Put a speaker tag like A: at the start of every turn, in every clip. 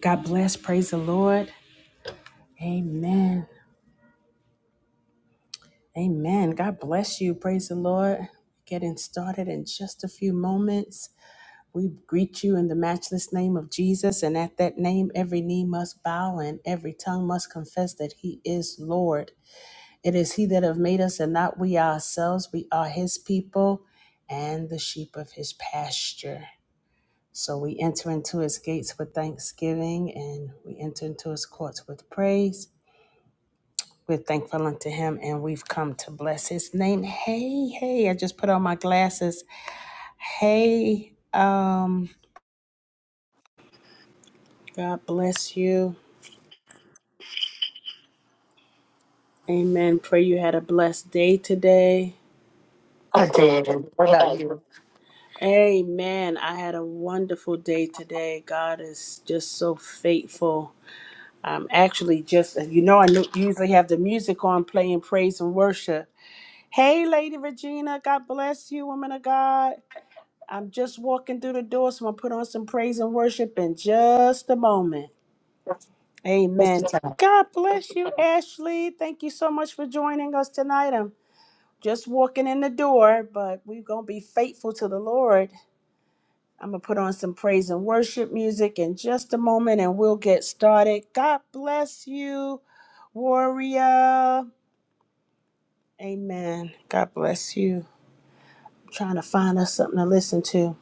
A: God bless. Praise the Lord. Amen. Amen. God bless you. Praise the Lord. Getting started in just a few moments. We greet you in the matchless name of Jesus. And at that name, every knee must bow and every tongue must confess that he is Lord. It is he that have made us and not we ourselves. We are his people and the sheep of his pasture. So we enter into his gates with thanksgiving and we enter into his courts with praise. We're thankful unto him and we've come to bless his name. Hey, hey, I just put on my glasses. Hey, um, God bless you. Amen. Pray you had a blessed day today.
B: I did. And what about you?
A: Amen. I had a wonderful day today. God is just so faithful. I'm actually just, you know, I nu- usually have the music on playing praise and worship. Hey, Lady Regina, God bless you, woman of God. I'm just walking through the door, so I'm put on some praise and worship in just a moment.
B: What's what's
A: Amen.
B: your time?
A: God bless you, Ashley. Thank you so much for joining us tonight. I'm just walking in the door, but we're gonna be faithful to the Lord. I'm gonna put on some praise and worship music in just a moment, and we'll get started. God bless you, warrior. Amen. God bless you. I'm trying to find us something to listen to.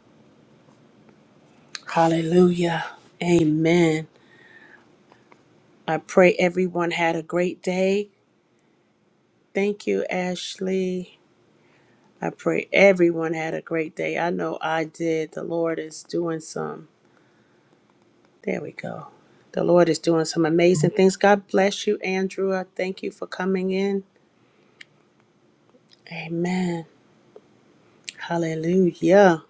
A: Hallelujah. Amen. I pray everyone had a great day. Thank you, Ashley. I pray everyone had a great day. I know I did. The Lord is doing some. There we go. The Lord is doing some amazing things. God bless you, Andrew. I thank you for coming in. Amen. Hallelujah.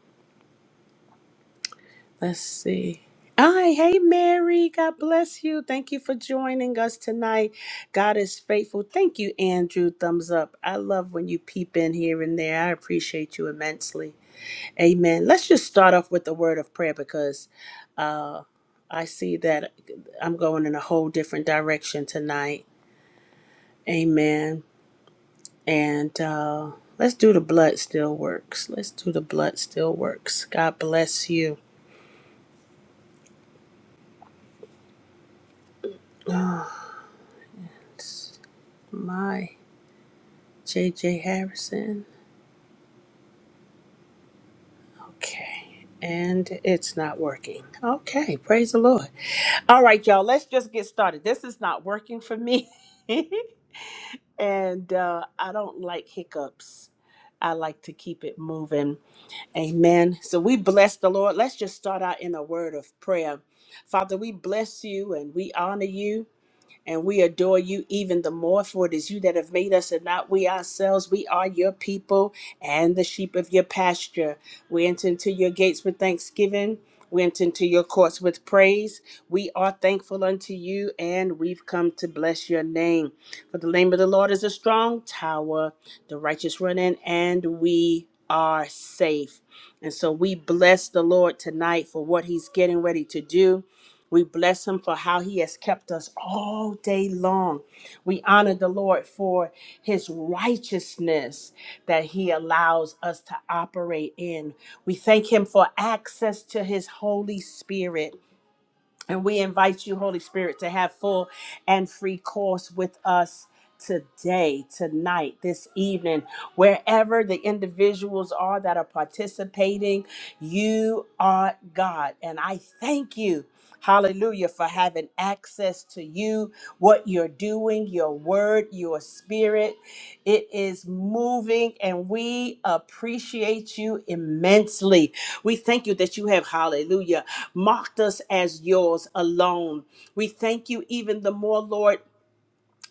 A: Let's see. Hi, hey Mary, God bless you. Thank you for joining us tonight. God is faithful. Thank you, Andrew. Thumbs up. I love when you peep in here and there. I appreciate you immensely. Amen. Let's just start off with the word of prayer because uh, I see that I'm going in a whole different direction tonight. Amen. And uh, let's do the blood still works. Let's do the blood still works. God bless you. My JJ Harrison. Okay. And it's not working. Okay. Praise the Lord. All right, y'all. Let's just get started. This is not working for me. and uh, I don't like hiccups. I like to keep it moving. Amen. So we bless the Lord. Let's just start out in a word of prayer. Father, we bless you and we honor you. And we adore you even the more, for it is you that have made us and not we ourselves. We are your people and the sheep of your pasture. We enter into your gates with thanksgiving. We enter into your courts with praise. We are thankful unto you, and we've come to bless your name. For the name of the Lord is a strong tower, the righteous run in, and we are safe. And so we bless the Lord tonight for what he's getting ready to do. We bless him for how he has kept us all day long. We honor the Lord for his righteousness that he allows us to operate in. We thank him for access to his Holy Spirit. And we invite you, Holy Spirit, to have full and free course with us today, tonight, this evening, wherever the individuals are that are participating. You are God. And I thank you. Hallelujah for having access to you, what you're doing, your word, your spirit. It is moving, and we appreciate you immensely. We thank you that you have, hallelujah marked us as yours alone. We thank you even the more, Lord.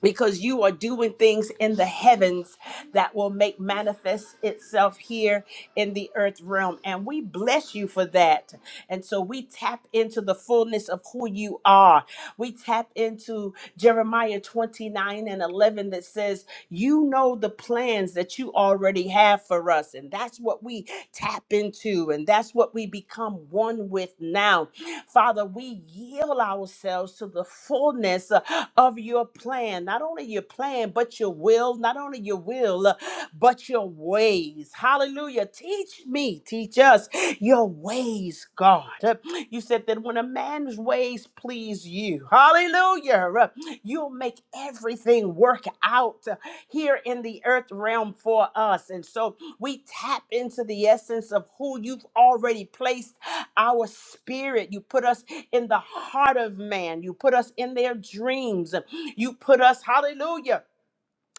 A: Because you are doing things in the heavens that will make manifest itself here in the earth realm. And we bless you for that. And so we tap into the fullness of who you are. We tap into Jeremiah 29 and 11 that says, You know the plans that you already have for us. And that's what we tap into. And that's what we become one with now Father, we yield ourselves to the fullness uh, of your plan, not only your plan, but your will, not only your will, uh, but your ways. Hallelujah. Teach me, teach us your ways, God. Uh, You said that when a man's ways please you, hallelujah, uh, you'll make everything work out uh, here in the earth realm for us. And so we tap into the essence of who you've already placed our spirit. You put us in the heart of man. You put us in their dreams. You put us, hallelujah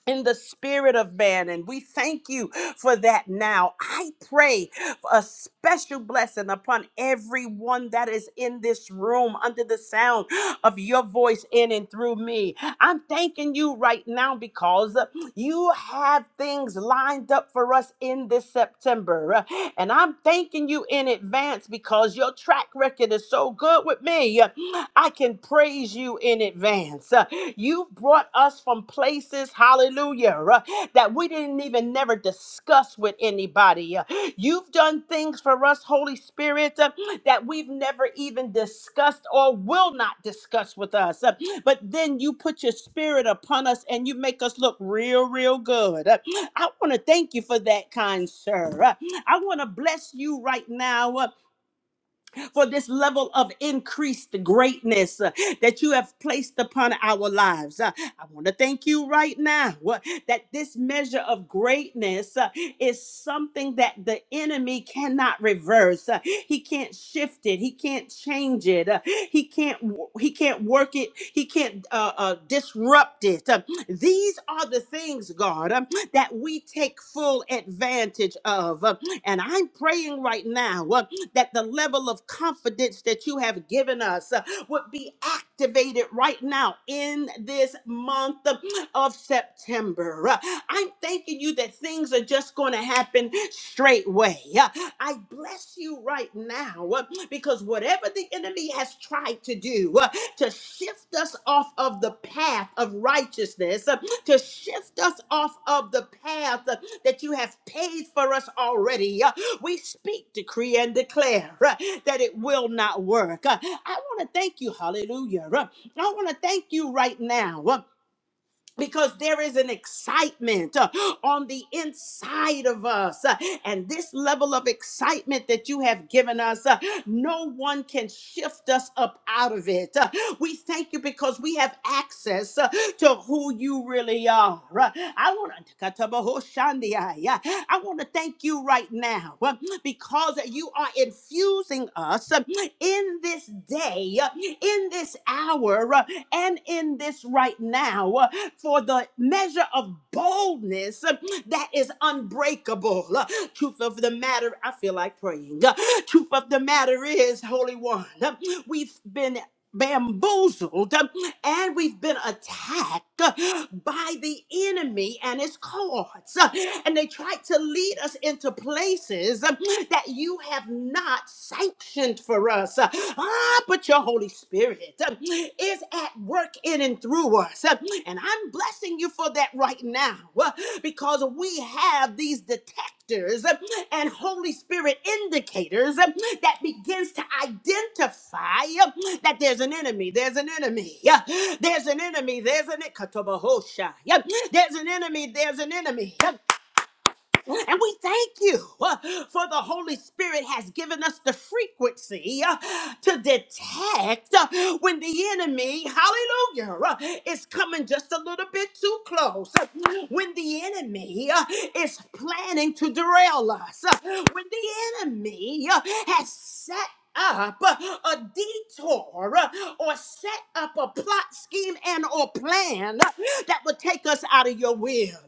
A: in the spirit of man. And we thank you for that now. I pray for a special blessing upon everyone that is in this room under the sound of your voice in and through me. I'm thanking you right now because you have things lined up for us in this September. And I'm thanking you in advance because your track record is so good with me. I can praise you in advance. You've brought us from places, hallelujah, uh, that we didn't even never discuss with anybody. Uh, You've done things for us, Holy Spirit, uh, that we've never even discussed or will not discuss with us. Uh, But then you put your spirit upon us and you make us look real, real good. Uh, I want to thank you for that, kind sir. Uh, I want to bless you right now. uh, for this level of increased greatness uh, that you have placed upon our lives. Uh, I want to thank you right now uh, that this measure of greatness uh, is something that the enemy cannot reverse. Uh, He can't shift it. He can't change it. Uh, He can't. wo- He can't work it. He can't uh, uh, disrupt it. Uh, These are the things, God, um, that we take full advantage of. Uh, And I'm praying right now. uh, that the level of confidence that you have given us uh, would be activated right now in this month of of September. Uh, I'm thanking you that things are just going to happen straightway. Uh, I bless you right now uh, because whatever the enemy has tried to do uh, to shift us off of the path of righteousness, uh, to shift us off of the path uh, that you have paid for us already. uh, we speak, decree, and declare uh, that it will not work. Uh, I want to thank you, hallelujah. Uh, I want to thank you right now. uh, because there is an excitement uh, on the inside of us. uh, and this level of excitement that you have given us, uh, no one can shift us up out of it. Uh, we thank you because we have access uh, to who you really are. Uh, I want to I want to thank you right now uh, because you are infusing us uh, in this day, uh, in this hour, uh, and in this right now. uh, for the measure of boldness that is unbreakable. Truth of the matter, I feel like praying. Truth of the matter is, Holy One, we've been bamboozled and we've been attacked by the enemy and his cohorts. And they tried to lead us into places that you have not sanctioned for us. Ah, but your Holy Spirit is at work in and through us. And I'm blessing you for that right now because we have these detectors and Holy Spirit indicators um, that begins to identify um, that there's an enemy, there's an enemy, yeah, there's an enemy, there's an Katabahoshai, yeah, there's an enemy, there's an enemy. And we thank you uh, for the Holy Spirit has given us the frequency uh, to detect uh, when the enemy, hallelujah, uh, is coming just a little bit too close. uh, When the enemy uh, is planning to derail us. uh, When the enemy uh, has set up uh, a detour uh, or set up a plot scheme and or plan uh, that would take us out of your will.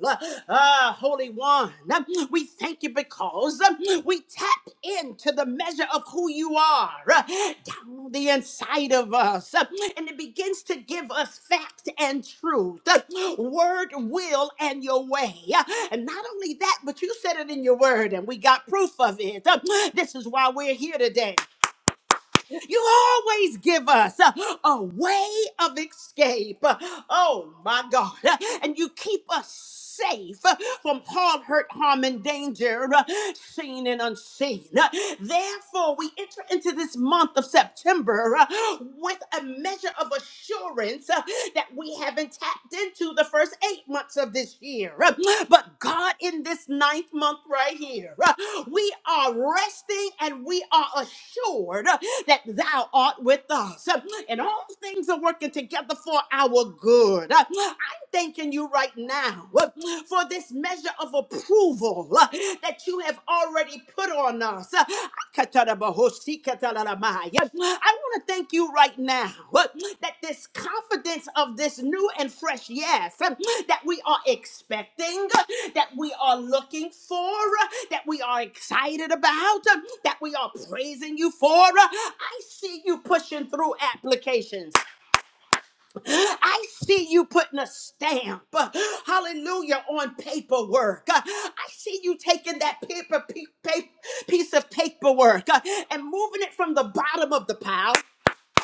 A: Ah, Holy One, um, we thank you because um, we tap into the measure of who you are uh, down on the inside of us. uh, And it begins to give us fact and truth, uh, word, will, and your way. Uh, And not only that, but you said it in your word, and we got proof of it. Uh, This is why we're here today. You always give us a, a way of escape. Oh my God. And you keep us safe from harm, hurt, harm, and danger, seen and unseen. Therefore, we enter into this month of September uh, with a measure of assurance uh, that we haven't tapped into the first eight months of this year. Uh, But God, in this ninth month right here, uh, we are resting and we are assured that thou art with us. And all things are working together for our good. I'm thanking you right now for this measure of approval that you have already put on us. I want to thank you right now uh, that this confidence of this new and fresh yes uh, that we are expecting, uh, that we are looking for, uh, that we are excited about, uh, that we are praising you for. uh, I see you pushing through applications. I see you putting a stamp, uh, hallelujah, on paperwork. Uh, I see you taking that paper, pe- pa- piece of paperwork uh, and moving it from the bottom of the pile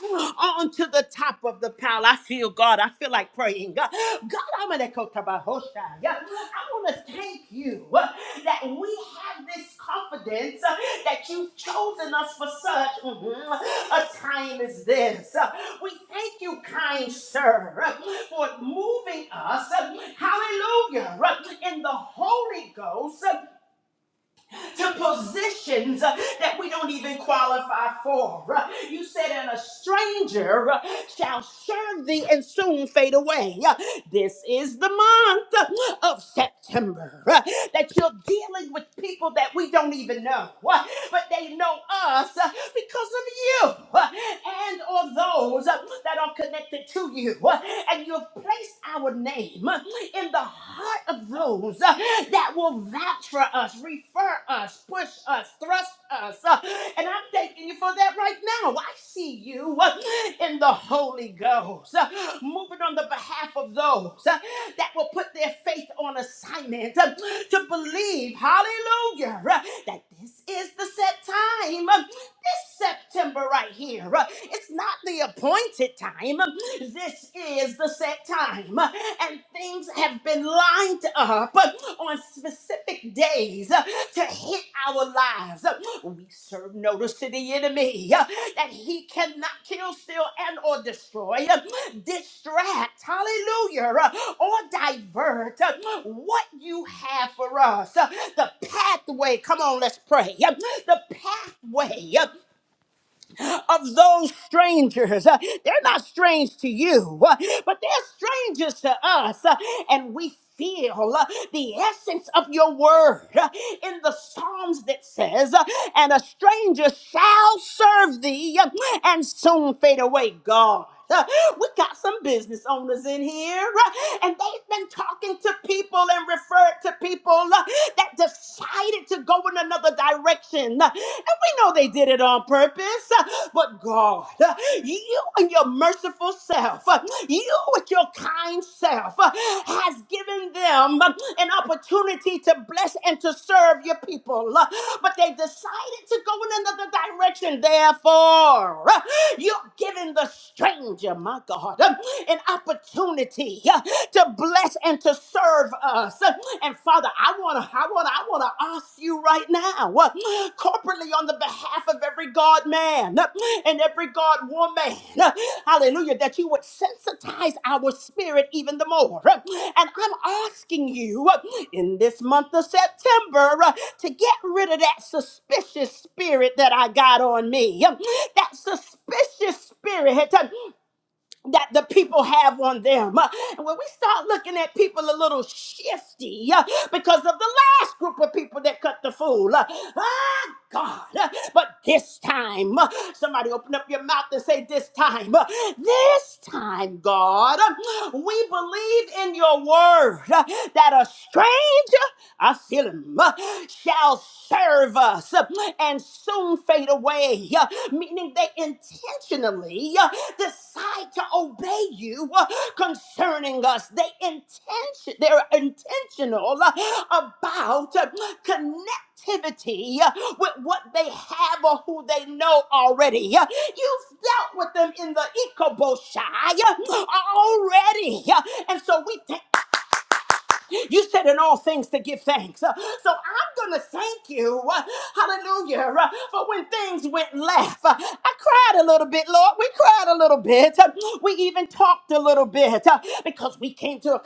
A: on to the top of the pile. I feel God. I feel like praying. God, God I'm an ekotabahosha. Yeah. I want to thank you uh, that we have this confidence uh, that you've chosen us for such mhm, a time as this. Uh, We thank you, kind sir, uh, for moving us, uh, hallelujah, uh, in the Holy Ghost to positions uh, that we don't even qualify for. Uh, You said, and a stranger uh, shall serve thee and soon fade away. Uh, This is the month uh, of September uh, that you're dealing with people that we don't even know, uh, but they know us uh, because of you uh, and or those uh, that are connected to you. uh, And you've place our name in the heart of those uh, that will vouch for us, refer us, push us, thrust us. uh, And I'm thanking you for that right now. I see you uh, in the Holy Ghost uh, moving on the behalf of those uh, that will put their faith on assignment uh, to believe, hallelujah, uh, that this is the set time this September right here. Uh, It's not the appointed time. Um, This is the set time. Uh, And things have been lined up uh, on specific days uh, to hit our lives. Uh, We serve notice to the the enemy uh, that he cannot kill, steal, and or destroy, uh, distract, hallelujah, uh, or divert uh, what you have for us. uh, The pathway, come on, let's pray. uh, The pathway uh, of those strangers. Uh, They're not strange to you, uh, but they're strangers to us. uh, And we feel uh, the essence of your word uh, in the Psalms that says, uh, And a stranger shall serve thee uh, and soon fade away, God. Uh, We got some business owners in here, uh, and they've been talking to people and referred to people uh, that decided to go in another direction. Uh, And we know they did it on purpose, uh, but God, uh, you and your merciful self, uh, you with your kind self, uh, has given them uh, an opportunity to bless and to serve your people. Uh, But they decided to go in another direction. Therefore, uh, you're giving the stranger, my God, um, an opportunity uh, to bless and to serve us. And Father, I wanna, I wanna, I wanna ask you right now, uh, corporately on the behalf of every God man uh, and every God woman again. Hallelujah. That you would sensitize our spirit even the more. And I'm asking you in this month of September to get rid of that suspicious spirit that I got on me. That suspicious spirit that the people have on them. Uh, And when we start looking at people a little shifty uh, because of the last group of people that cut the fool, uh, ah, God. uh, But this time, uh, somebody open up your mouth and say, This time, uh, this time, God, uh, we believe in your word uh, that a stranger I feel him, uh, shall serve us uh, and soon fade away. uh, Meaning they intentionally uh, decide to obey you uh, concerning us. They intention, they're intentional uh, about uh, connectivity uh, with what they have or who they know already. Uh, You've dealt with them in the Ikoboshai uh, already. Uh, And so we thank you said in all things to give thanks. Uh, So I'm going to thank you, uh, hallelujah, uh, for when things went left. Uh, I cried a little bit, Lord. We cried a little bit. Uh, We even talked a little bit uh, because we came to a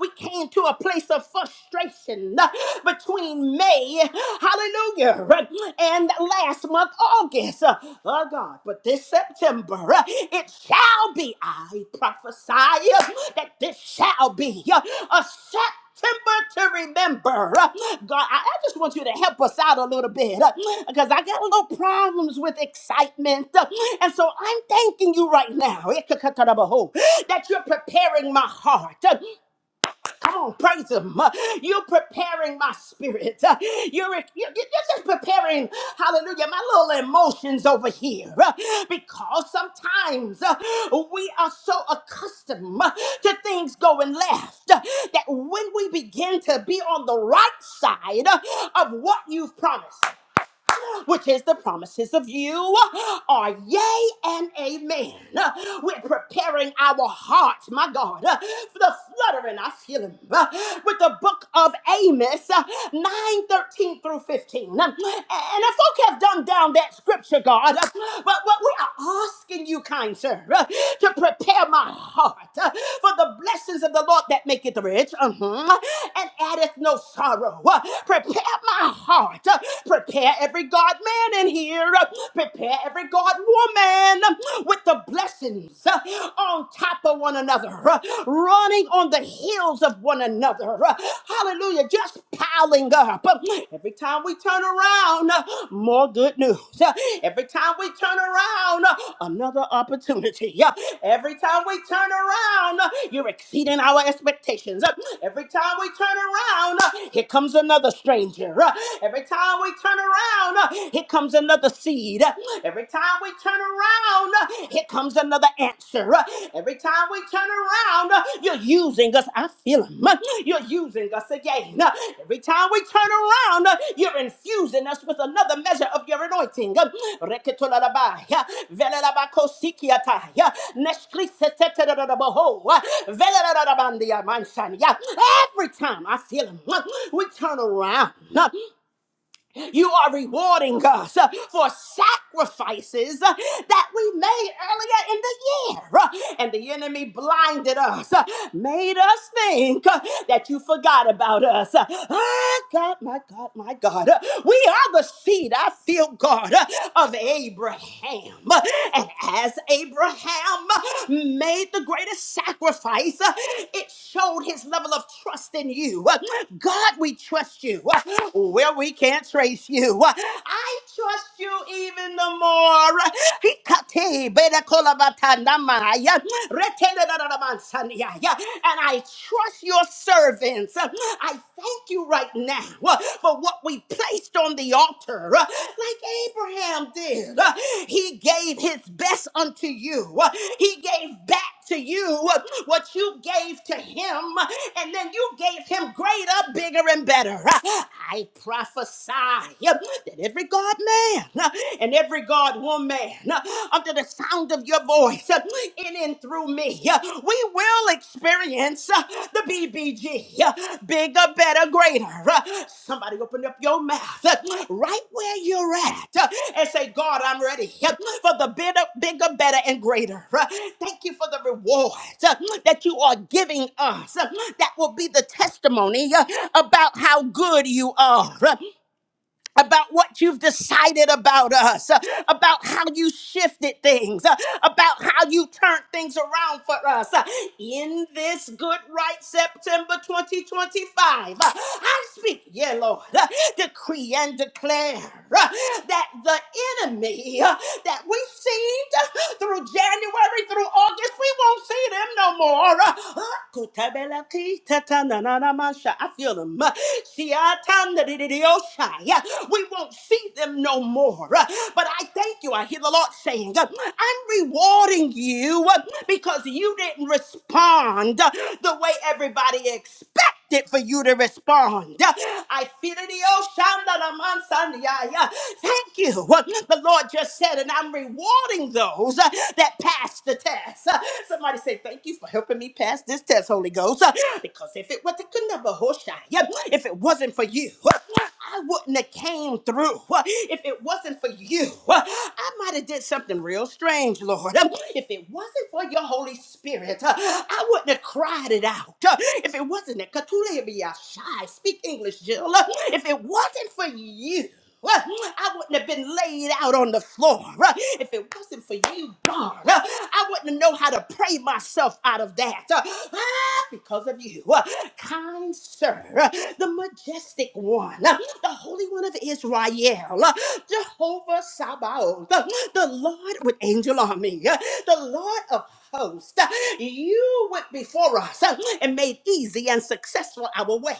A: we came to a place of frustration uh, between May, hallelujah, uh, and last month of August, uh, oh God, but this September, uh, it shall be, I prophesy uh, that this shall be uh, a September to remember. Uh, God, I, I just want you to help us out a little bit because I got a little problems with excitement. uh, and so I'm thanking you right now that you're preparing my heart. uh, Come on, praise Him. Uh, You're preparing my spirit. Uh, You're, you're you're just preparing, hallelujah, my little emotions over here. Uh, Because sometimes uh, we are so accustomed uh, to things going left uh, that when we begin to be on the right side uh, of what you've promised, which is the promises of you, are yea and amen. Uh, We're preparing our hearts, my God, uh, for the fluttering I feel him uh, with the book of Amos uh, 9 13 through 15. Um, And if folk have dumbed down that scripture, God, uh, but what we are asking you, kind sir, uh, to prepare my heart uh, for the blessings of the Lord that maketh rich mhm, and addeth no sorrow. Uh, Prepare my heart, Uh, prepare. Prepare every God man in here. Prepare every God woman with the blessings uh, on top of one another, uh, running on the heels of one another. uh, Hallelujah. Just piling up. Uh, Every time we turn around, uh, more good news. Uh, Every time we turn around, uh, another opportunity. Uh, Every time we turn around, uh, you're exceeding our expectations. Uh, Every time we turn around, uh, here comes another stranger. Uh, Every time time we turn around, uh, here comes another seed. Uh, Every time we turn around, uh, here comes another answer. Uh, Every time we turn around, uh, you're using us. I feel him. Uh, You're using us again. Uh, Every time we turn around, uh, you're infusing us with another measure of your anointing. Uh, Reketolarabai, uh, Velerabakosikiatai, uh, Neshkriseteteteraboho, uh, Velerarabandiamansan. Yeah. Every time I feel him, uh, we turn around. You are rewarding us uh, for sacrifices uh, that we made earlier in the year. Uh, And the enemy blinded us, uh, made us think uh, that you forgot about us. Uh, Ah, God, my God, my God. Uh, We are the seed, I feel God, uh, of Abraham. Uh, And as Abraham uh, made the greatest sacrifice, uh, it showed his level of trust in you. Uh, God, we trust you. Uh, Where we can't trace you. I trust you even the more. Hikate berakolabatanamaya, retenedadadamansaniyaya. And I trust your servants. I thank you right now for what we placed on the altar, like Abraham did. He gave his best unto you, he gave back to you what you gave to him, and then you gave him greater, bigger, and better. I prophesy prophesy that every God man uh, and every God woman uh, under the sound of your voice uh, in and through me, uh, we will experience uh, the BBG uh, bigger, better, greater. Uh, Somebody open up your mouth uh, right where you're at uh, and say, God, I'm ready uh, for the bigger, bigger, better, and greater. Uh, Thank you for the rewards uh, that you are giving us. uh, That will be the testimony uh, about how good you are. uh, about what you've decided about us, uh, about how you shifted things, uh, about how you turned things around for us uh, in this good right September 2025. Uh, I speak, yeah, Lord, uh, decree and declare uh, that the enemy uh, that we've seen uh, through January through August, we won't see them no more. Uh, I feel them. We won't see them no more. But I thank you. I hear the Lord saying, I'm rewarding you because you didn't respond the way everybody expected it for you to respond. I feel it. oh, Shanda la man sandi, yeah, yeah. Thank you. What The Lord just said, and I'm rewarding those uh, that pass the test. Uh, Somebody say, Thank you for helping me pass this test, Holy Ghost. Uh, Because if it were to if it wasn't for you, I wouldn't have came through. If it wasn't for you, I might have did something real strange, Lord. If it wasn't for your Holy Spirit, I wouldn't have cried it out. If it wasn't that Katula be shy, speak English, Jill. If it wasn't for you uh, I wouldn't have been laid out on the floor uh, if it wasn't for you, God. Uh, I wouldn't have known how to pray myself out of that uh, ah, because of you. Uh, Kind sir, uh, the majestic one, uh, the Holy One of Israel, uh, Jehovah Sabaoth, uh, the Lord with angel army, uh, the Lord of host. You went before us and made easy and successful our way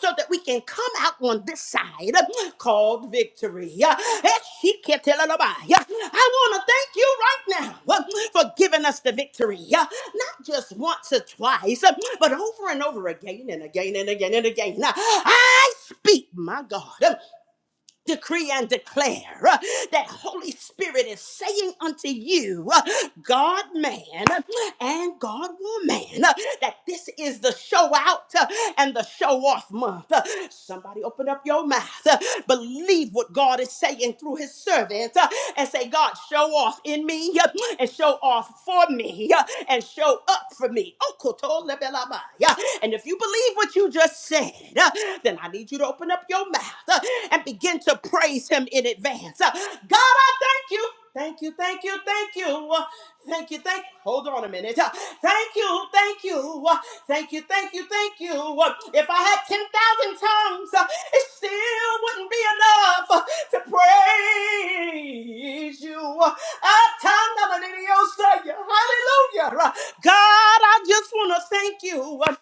A: so that we can come out on this side called victory. I want to thank you right now for giving us the victory, not just once or twice, but over and over again and again and again and again. I speak, my God decree and declare uh, that Holy Spirit is saying unto you, uh, God man and God woman, uh, that this is the show out uh, and the show off month. Uh, Somebody open up your mouth, uh, believe what God is saying through his servant, uh, and say, God, show off in me uh, and show off for me uh, and show up for me. Okotolebelabaya. And if you believe what you just said, uh, then I need you to open up your mouth uh, and begin to praise Him in advance. Uh, God, I thank you. Thank you, thank you, thank you. Uh, Thank you, thank Hold on a minute. Uh, Thank you, thank you. Uh, Thank you, thank you, thank you. Uh, If I had 10,000 tongues, uh, it still wouldn't be enough uh, to praise you. Uh, Ah, Tanda Manini Osaya. Hallelujah. Uh, God, I just want to thank you. Uh,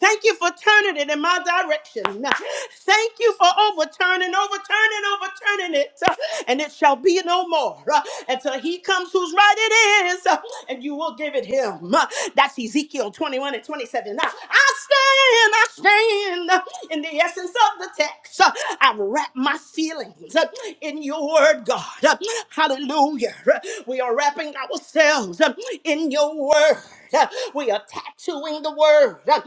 A: Thank you for turning it in my direction. Thank you for overturning, overturning, overturning it. And it shall be no more until he comes whose right it is. And you will give it him. That's Ezekiel 21 and 27. Now, I stand, I stand in the essence of the text. I wrap my feelings in your word, God. Hallelujah. We are wrapping ourselves in your word. We are tattooing the word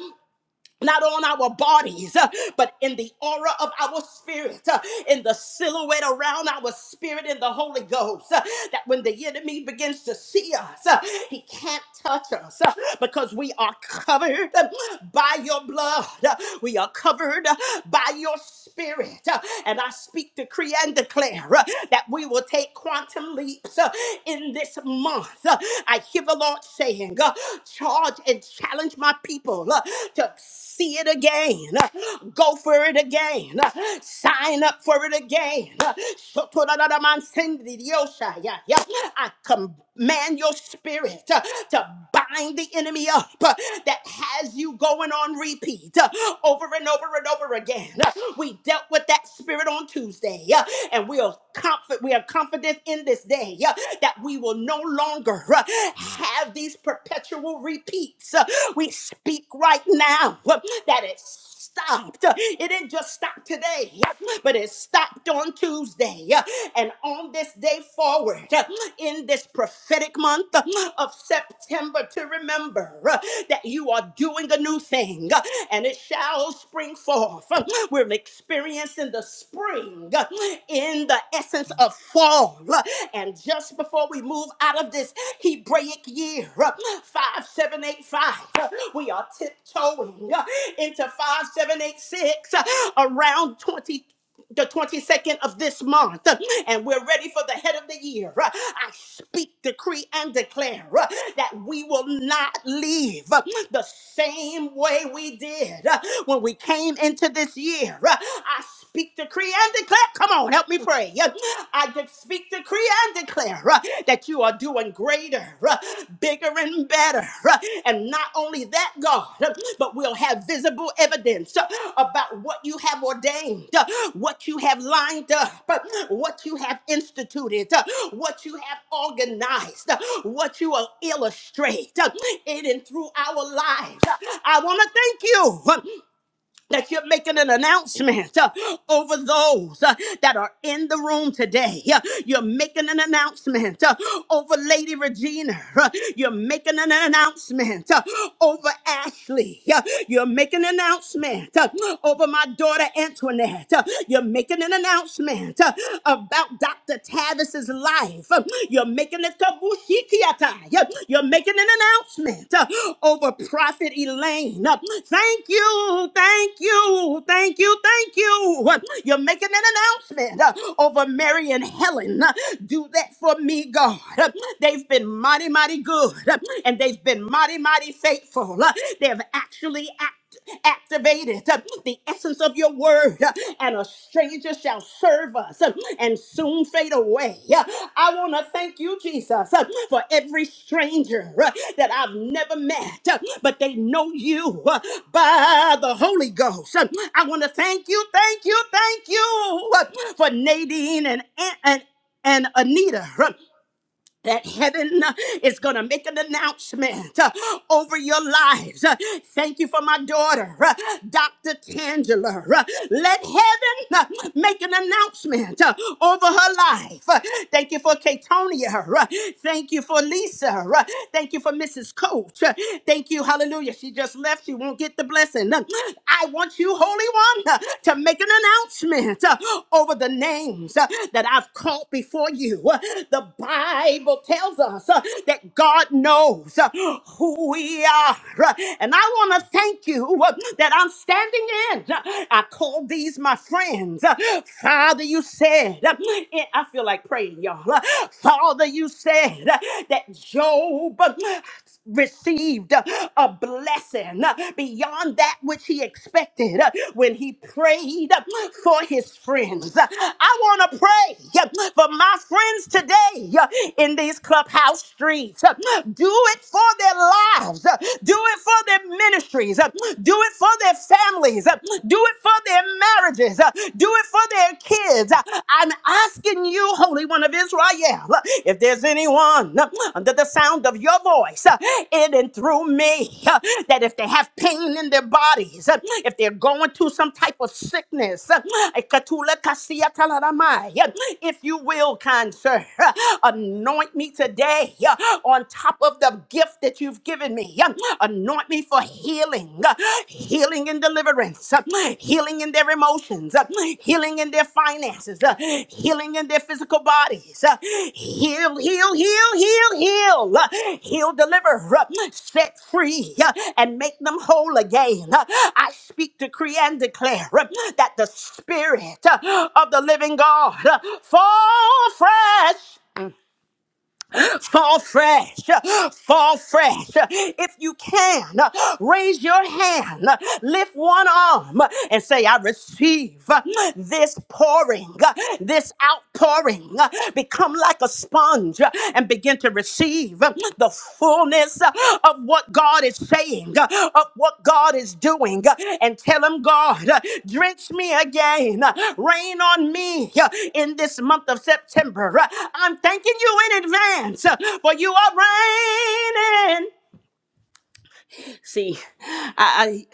A: not on our bodies, uh, but in the aura of our spirit, uh, in the silhouette around our spirit in the Holy Ghost. uh, That when the enemy begins to see us, uh, he can't touch us uh, because we are covered uh, by your blood. Uh, We are covered uh, by your spirit. Uh, And I speak, decree, and declare uh, that we will take quantum leaps uh, in this month. Uh, I hear the Lord saying, uh, charge and challenge my people uh, to see it again, uh, go for it again, uh, sign up for it again. Uh, I command your spirit uh, to bind the enemy up uh, that has you going on repeat uh, over and over and over again land. Uh, We dealt with that spirit on Tuesday, uh, and we are confident. We are confident in this day uh, that we will no longer uh, have these perpetual repeats. Uh, We speak right now uh, that it's stopped. Uh, It didn't just stop today, uh, but it stopped on Tuesday. uh, And on this day forward, uh, in this prophetic month uh, of September, to remember uh, that you are doing a new thing uh, and it shall spring forth off. uh, We're experiencing the spring uh, in the essence of fall. uh, And just before we move out of this Hebraic year, 5785, we are tiptoeing uh, into 5786 around 20 the 22nd of this month, and we're ready for the head of the year. I speak, decree, and declare uh, that we will not leave uh, the same way we did uh, when we came into this year. Uh, I speak, decree, and declare. Come on, help me pray. Uh, I de- speak, decree, and declare uh, that you are doing great greater, uh, bigger, and better. uh, And not only that, God, uh, but we'll have visible evidence uh, about what you have ordained, uh, what you have lined up, uh, what you have instituted, uh, what you have organized, uh, what you will illustrate uh, in and through our lives. I want to thank you. uh, that you're making an announcement uh, over those uh, that are in the room today. Uh, You're making an announcement uh, over Lady Regina. Uh, You're making an announcement uh, over Ashley. Uh, You're making an announcement uh, over my daughter Antoinette. Uh, You're making an announcement uh, about Dr. Tavis's life. Uh, uh, You're making it kabushikiata. Yeah, You're making an announcement uh, over Prophet Elaine. Uh, Thank you, thank you, thank you, thank you. Uh, You're making an announcement uh, over Mary and Helen. Uh, Do that for me, God. Uh, They've been mighty, mighty good, uh, and they've been mighty, mighty faithful. Uh, They have actually activated uh, the essence of your word, uh, and a stranger shall serve us uh, and soon fade away. Uh, I want to thank you, Jesus, uh, for every stranger uh, that I've never met, uh, but they know you uh, by the Holy Ghost. Uh, I want to thank you, thank you, thank you uh, for Nadine and, and and Anita that heaven uh, is going to make an announcement uh, over your lives. Uh, Thank you for my daughter, uh, Dr. Tangela. Uh, Let heaven uh, make an announcement uh, over her life. Uh, Thank you for Katonia. Uh, Thank you for Lisa. Uh, Thank you for Mrs. Coach. Uh, Thank you. Hallelujah. She just left. She won't get the blessing. Uh, I want you, Holy One, uh, to make an announcement uh, over the names uh, that I've called before you. Uh, The Bible. Bible tells us uh, that God knows uh, who we are. Uh, And I want to thank you uh, that I'm standing in. Uh, I call these my friends. Uh, Father, you said, uh, eh, I feel like praying, y'all. Uh, Father, you said uh, that Job. uh, received uh, a blessing uh, beyond that which he expected uh, when he prayed uh, for his friends. Uh, I want to pray uh, for my friends today uh, in these clubhouse streets. Uh, Do it for their lives, Uh, do it for their ministries, Uh, do it for their families, Uh, do it for their marriages, Uh, do it for their kids. Uh, I'm asking you, Holy One of Israel, if there's anyone under the sound of your voice, uh, in and through me, uh, that if they have pain in their bodies, uh, if they're going through some type of sickness, uh, Ekatula kasia talaramai, uh, if you will, kind sir, uh, anoint me today uh, on top of the gift that you've given me. uh, Anoint me for healing healing, uh, healing and deliverance, uh, healing in their emotions, uh, healing in their finances, uh, healing in their physical bodies. uh, Heal, heal, heal, heal, heal, uh, heal, deliver, uh, set free, uh, and make them whole again. Uh, I speak, decree, and declare uh, that the Spirit uh, of the living God uh, fall fresh Fall fresh, fall fresh. If you can, raise your hand, lift one arm, and say, I receive this pouring, this outpouring. Become like a sponge and begin to receive the fullness uh, of what God is saying, uh, of what God is doing, uh, and tell Him, God, uh, drench me again, uh, rain on me uh, in this month of September. Uh, I'm thanking you in advance, uh, for you are raining. See, I.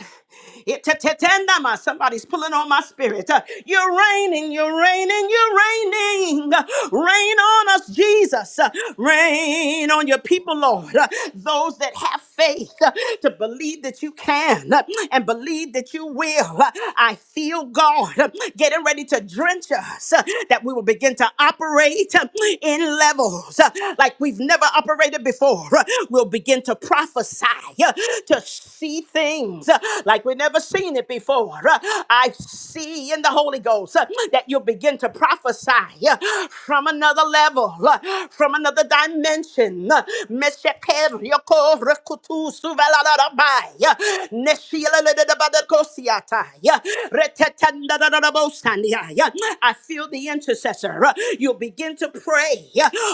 A: Itetetetendama. Somebody's pulling on my spirit. Uh, You're reigning, you're reigning, you're reigning. Uh, Reign on us, Jesus. Uh, Reign on your people, Lord. Uh, Those that have faith uh, to believe that you can uh, and believe that you will. Uh, I feel God uh, getting ready to drench us, uh, that we will begin to operate uh, in levels uh, like we've never never operated before uh, will begin to prophesy, uh, to see things uh, like we've never seen it before. Uh, I see in the Holy Ghost uh, that you'll begin to prophesy uh, from another level, uh, from another dimension. Uh, Meshekeriyoko rekutu suvelalarabai, uh, Neshiyelelelebadekosiatai, uh, retetendadadadabosi. I feel the intercessor. You'll begin to pray.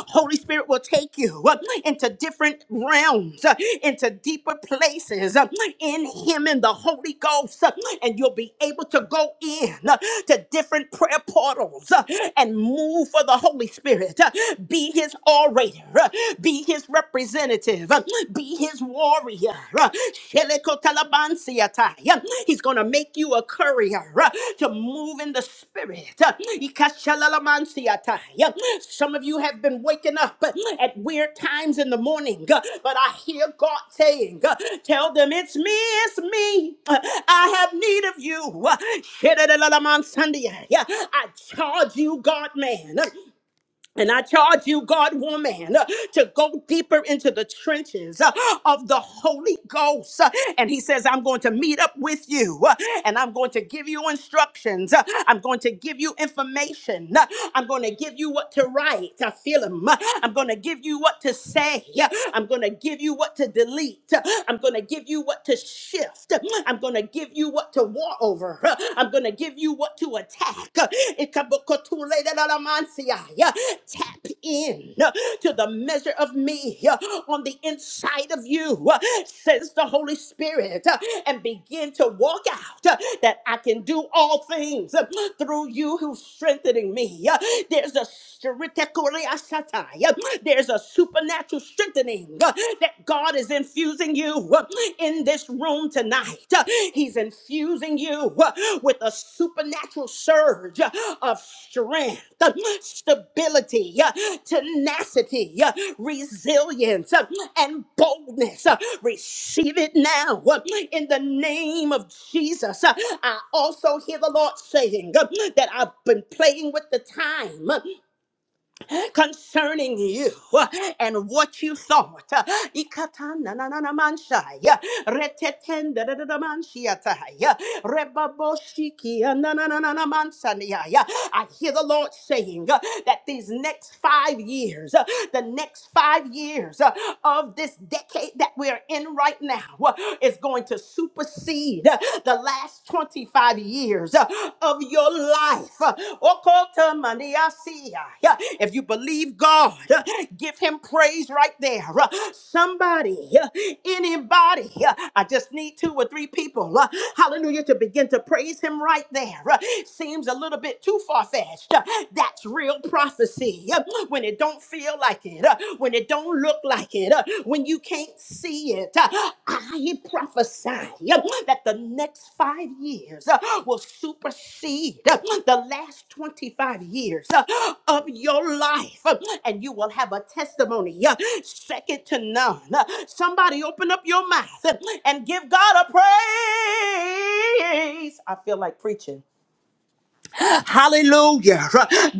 A: Holy Spirit will take you into different realms, into deeper places in Him and the Holy Ghost. And you'll be able to go in to different prayer portals and move for the Holy Spirit. Be His orator, be His representative, be His warrior warrior. uh, Shelekotalabansiatai. Uh, He's going to make you a courier uh, to move in the spirit. uh, Ikashalalamansiatai. Uh, Some of you have been waking up uh, at weird times in the morning, uh, but I hear God saying, uh, Tell them it's me, it's me. Uh, I have need of you. Uh, Shedelamansandia. Yeah, I charge you, God man. Uh, and I charge you, God, woman, uh, to go deeper into the trenches uh, of the Holy Ghost. Uh, And he says, I'm going to meet up with you uh, and I'm going to give you instructions. Uh, I'm going to give you information. Uh, I'm going to give you what to write. I feel him. Uh, I'm going to give you what to say. Uh, I'm going to give you what to delete. Uh, I'm going to give you what to shift. Uh, I'm going to give you what to war over. devour. I'm going to give you what to attack. Tap in to the measure of me on the inside of you, says the Holy Spirit, and begin to walk out that I can do all things through you who's strengthening me. There's a str- there's a supernatural strengthening that God God is infusing you in this room tonight. He's infusing you with a supernatural surge of strength, stability, tenacity, resilience, and boldness. Receive it now in the name of Jesus. I also hear the Lord saying that I've been playing with the time concerning you uh, and what you thought. Uh, Ikatananananamanshai, uh, retetendadadadamanshiatai, uh, rebaboshikiananananamansaniai. Uh, I hear the Lord saying uh, that these next five years, uh, the next five years uh, of this decade that we're in right now, uh, is going to supersede uh, the last last 25 years uh, of your life. Uh, Okotamaniasia. Yeah, If you believe God, uh, give him praise right there. Uh, Somebody, uh, anybody, uh, I just need two or three people, uh, hallelujah, to begin to praise him right there. Uh, Seems a little bit too far fetched. That's real prophecy. Uh, When it don't feel like it, uh, when when it don't look like it, uh, when you can't see it. Uh, I prophesy uh, that the next five years uh, will supersede uh, the last 25 years uh, of your life, uh, and you will have a testimony uh, second to none. Uh, Somebody open up your mouth uh, and give God a praise. I feel like preaching. Hallelujah.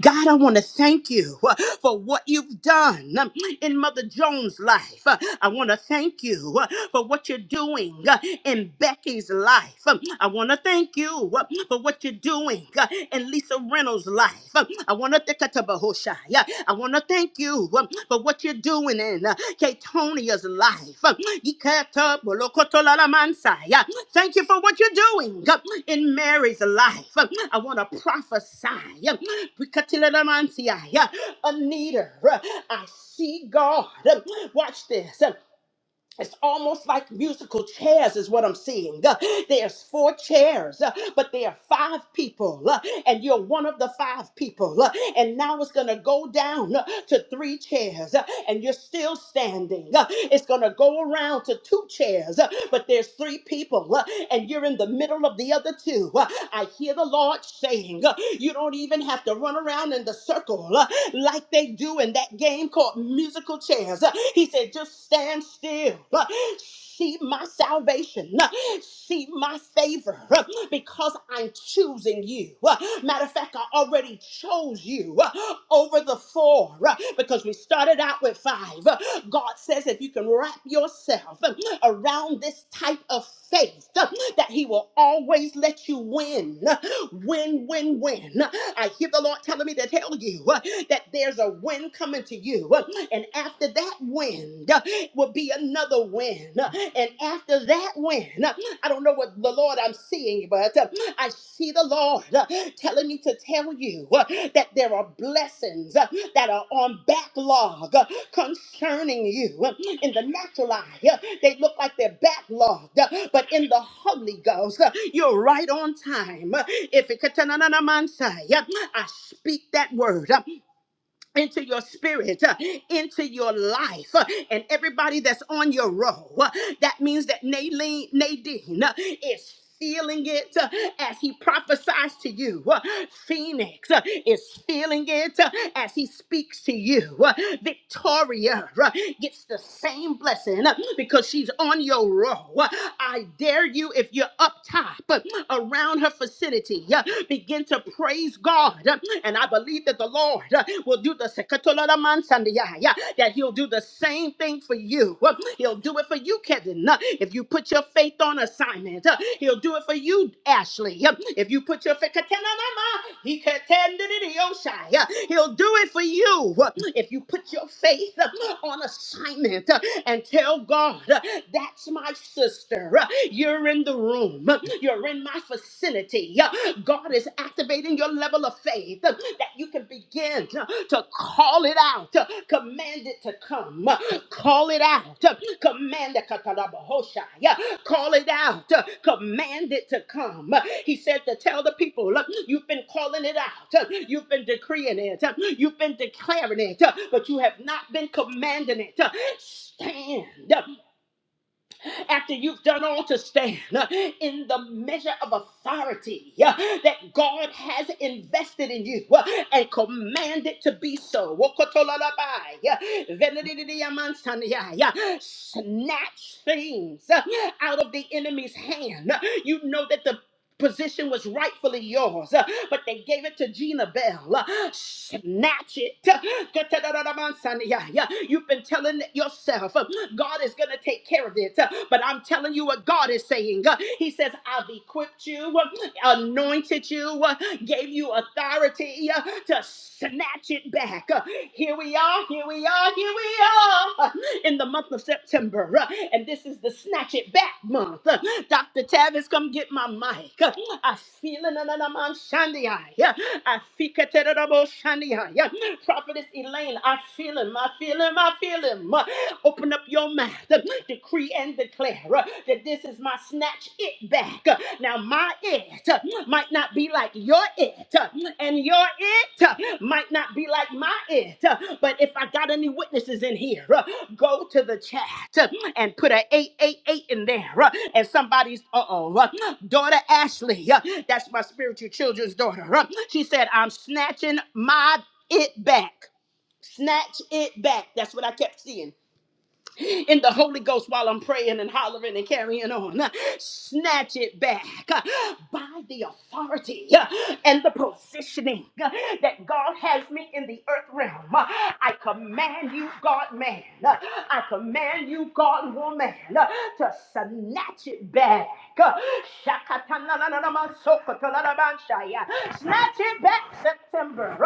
A: God, I want to thank you uh, for what you've done um, in Mother Jones' life. Uh, I want to thank you uh, for what you're doing uh, in Becky's life. Um, I want to thank you uh, for what you're doing uh, in Lisa Reynolds' life. Um, I want to thank you. I want want to thank you um, for what you're doing in uh, Katonia's life. Um, Ikatabolokotolalamansai. Uh, Thank you for what you're doing um, in Mary's life. Um, I want to prophesy. um, Ikatilalamansai, uh, Anita, uh, I see God. Um, Watch this. Um, it's almost like musical chairs, is what I'm seeing. Uh, There's four chairs, uh, but there are five people, uh, and you're one of the five people. uh, And now it's going to go down uh, to three chairs, uh, and you're still standing. uh, It's going to go around to two chairs, uh, but there's three people, uh, and you're in the middle of the other two. Uh, I hear the Lord saying, uh, You don't even have to run around in the circle uh, like like they do in that game called musical chairs. Uh, He said, just stand still. uh, See my salvation. uh, See my favor uh, because I'm choosing you. Uh, Matter of fact, I already chose you uh, over the four uh, because we started out with five. Uh, God says if you can wrap yourself uh, around this type of faith, uh, that He will always let you win. Uh, Win, win, win. I hear the Lord telling me to tell you uh, that there's a win coming to you. uh, And after that win uh, will be another win. uh, And after that win uh, I don't know what the Lord I'm seeing, but uh, I see the Lord uh, telling me to tell you uh, that there are blessings uh, that are on backlog uh, concerning you. Uh, In the natural eye, uh, they look like they're backlogged, uh, but in the Holy Ghost, uh, you're right on time. Uh, If it could- I speak that word. uh, into your spirit, uh, into your life, uh, and everybody that's on your row. Uh, That means that Nadine, Nadine uh, is feeling it uh, as he prophesies to you. Uh, Phoenix uh, is feeling it uh, as he speaks to you. Uh, Victoria uh, gets the same blessing uh, because she's on your row. Uh, I dare you, if you're up top uh, around her vicinity, uh, begin to to praise God. And I believe that the Lord uh, will do the that He'll do the same thing for you. He'll do it for you, Kevin. If you put your faith on assignment, uh, He'll do it for you, Ashley. If you put your faith, He'll do it for you. If you put your faith uh, on assignment uh, and tell God, uh, that's my sister. uh, You're in the room room. You're in my facility. God is activating your level of faith that you can begin to call it out, command it to come, call it out, command it, call it out, command it to come. He said to tell the people, look, you've been calling it out, you've been decreeing it, you've been declaring it, but you have not been commanding it. Stand, after you've done all to stand uh, in the measure of authority uh, that God has invested in you uh, and commanded to be so. Wokotolalabai, uh, venedidiamansania, uh, Snatch things uh, out of the enemy's hand. Uh, You know that the position was rightfully yours, uh, but they gave it to Gina Bell. Uh, Snatch it. Uh, Yeah, You've been telling yourself, uh, God is going to take care of it. Uh, But I'm telling you what God is saying. Uh, He says, I've equipped you. uh, anointed you, uh, gave you authority uh, to snatch it back. Uh, Here we are, here we are, here we are in the month of September. uh, And this is the Snatch It Back month. Uh, Dr. Tavis, come get my mic. Uh, I feel it. na- na- na- man, shandy eye. Uh, I feel it. Prophetess Elaine, I feel him, I feel him, I feel him. Open up your mouth, decree and declare that this is my snatch it back. Now, my it might not be like your it, and your it might not be like my it, but if I got any witnesses in here, go to the chat and put an 888 in there. And somebody's, uh oh, daughter Ashley, that's my spiritual children's daughter, she said, I'm snatching my it back. Snatch it back. That's what I kept seeing in the Holy Ghost while I'm praying and hollering and carrying on. Snatch it back uh, by the authority uh, and the positioning uh, that God has me in the earth realm. Uh, I command you, God man, uh, I command you, God woman, uh, to snatch it back. Uh, Snatch it back, September.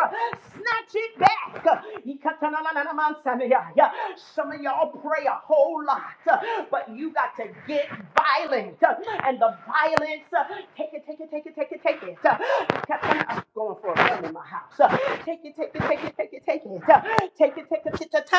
A: Snatch it back. Some of y'all pray a whole lot, but you got to get violent. And the violence, take it, take it, take it, take it, take it. I'm going for a run in my house. Take it, take it, take it, take it, take it. Take it, take it, take it. take it.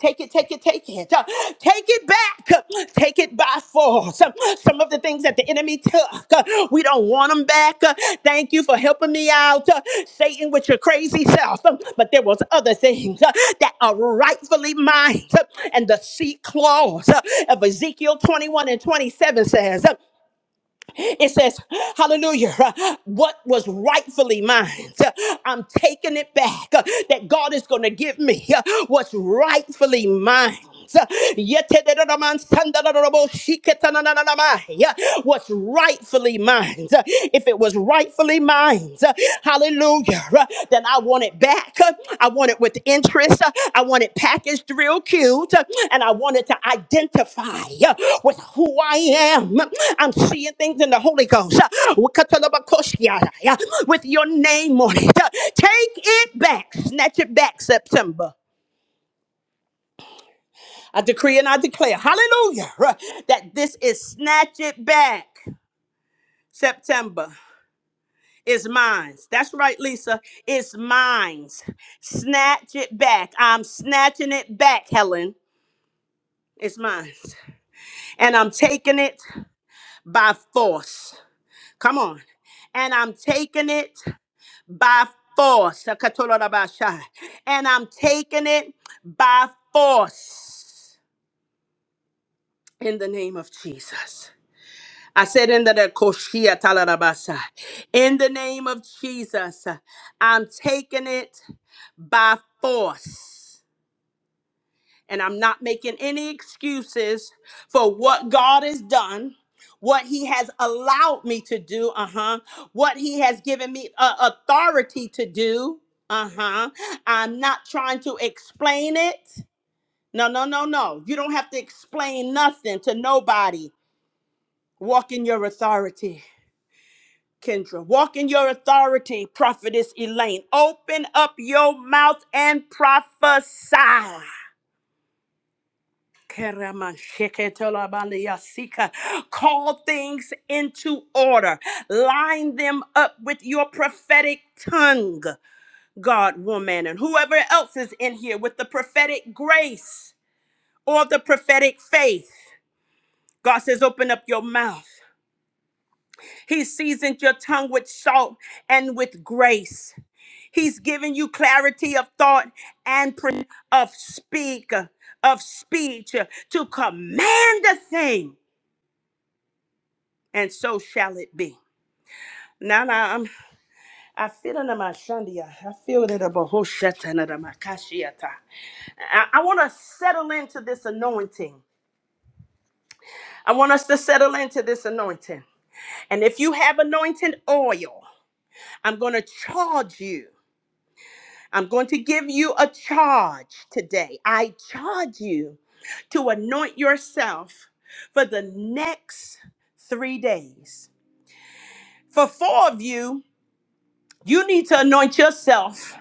A: Take it, take it, take it. Uh, Take it back. Uh, Take it by force. Uh, Some of the things that the enemy took, uh, we don't want them back. Uh, Thank you for helping me out, uh, Satan, with your crazy self. Um, But there was other things uh, that are rightfully mine. Uh, And the seat clause uh, of Ezekiel 21 and 27 says, it says, hallelujah, what was rightfully mine, I'm taking it back. That God is going to give me what's rightfully mine. What's rightfully mine? If it was rightfully mine, Hallelujah. Then I want it back. I want it with interest. I want it packaged real cute. And I want it to identify with who I am. I'm seeing things in the Holy Ghost with your name on it. Take it back. Snatch it back, September. I decree and I declare, hallelujah, that this is snatch it back, September. It's mine. That's right, Lisa. It's mine. Snatch it back. I'm snatching it back, Helen. It's mine. And I'm taking it by force. Come on. And I'm taking it by force. Sakatorabasha. And I'm taking it by force in the name of Jesus. I said in the the koshia talarabasa. In the name of Jesus, I'm taking it by force. And I'm not making any excuses for what God has done, what He has allowed me to do, uh huh, what He has given me uh, authority to do, uh huh. I'm not trying to explain it. No, no, no, no. You don't have to explain nothing to nobody. Walk in your authority. Kendra. Walk in your authority, prophetess Elaine. Open up your mouth and prophesy. Keramasheketolabaliyasika. Call things into order. Line them up with your prophetic tongue, God, woman, and whoever else is in here with the prophetic grace or the prophetic faith. God says, open up your mouth. He seasoned your tongue with salt and with grace. He's giving you clarity of thought and pr- of speak of speech uh, to command a thing, and so shall it be. Now, now I'm I feel it in my shandia. I feel it in the bohoshata and in my kashiata. I, I want to settle into this anointing. I want us to settle into this anointing. And if you have anointed oil, I'm going to charge you. I'm going to give you a charge today. I charge you to anoint yourself for the next three days. For four of you, you need to anoint yourself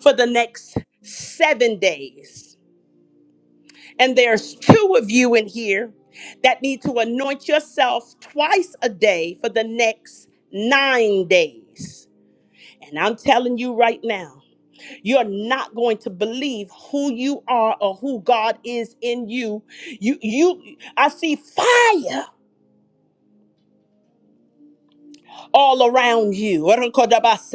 A: for the next seven days. And there's two of you in here that need to anoint yourself twice a day for the next nine days. And I'm telling you right now. You're not going to believe who you are or who God is in you. You you I see fire all around you. If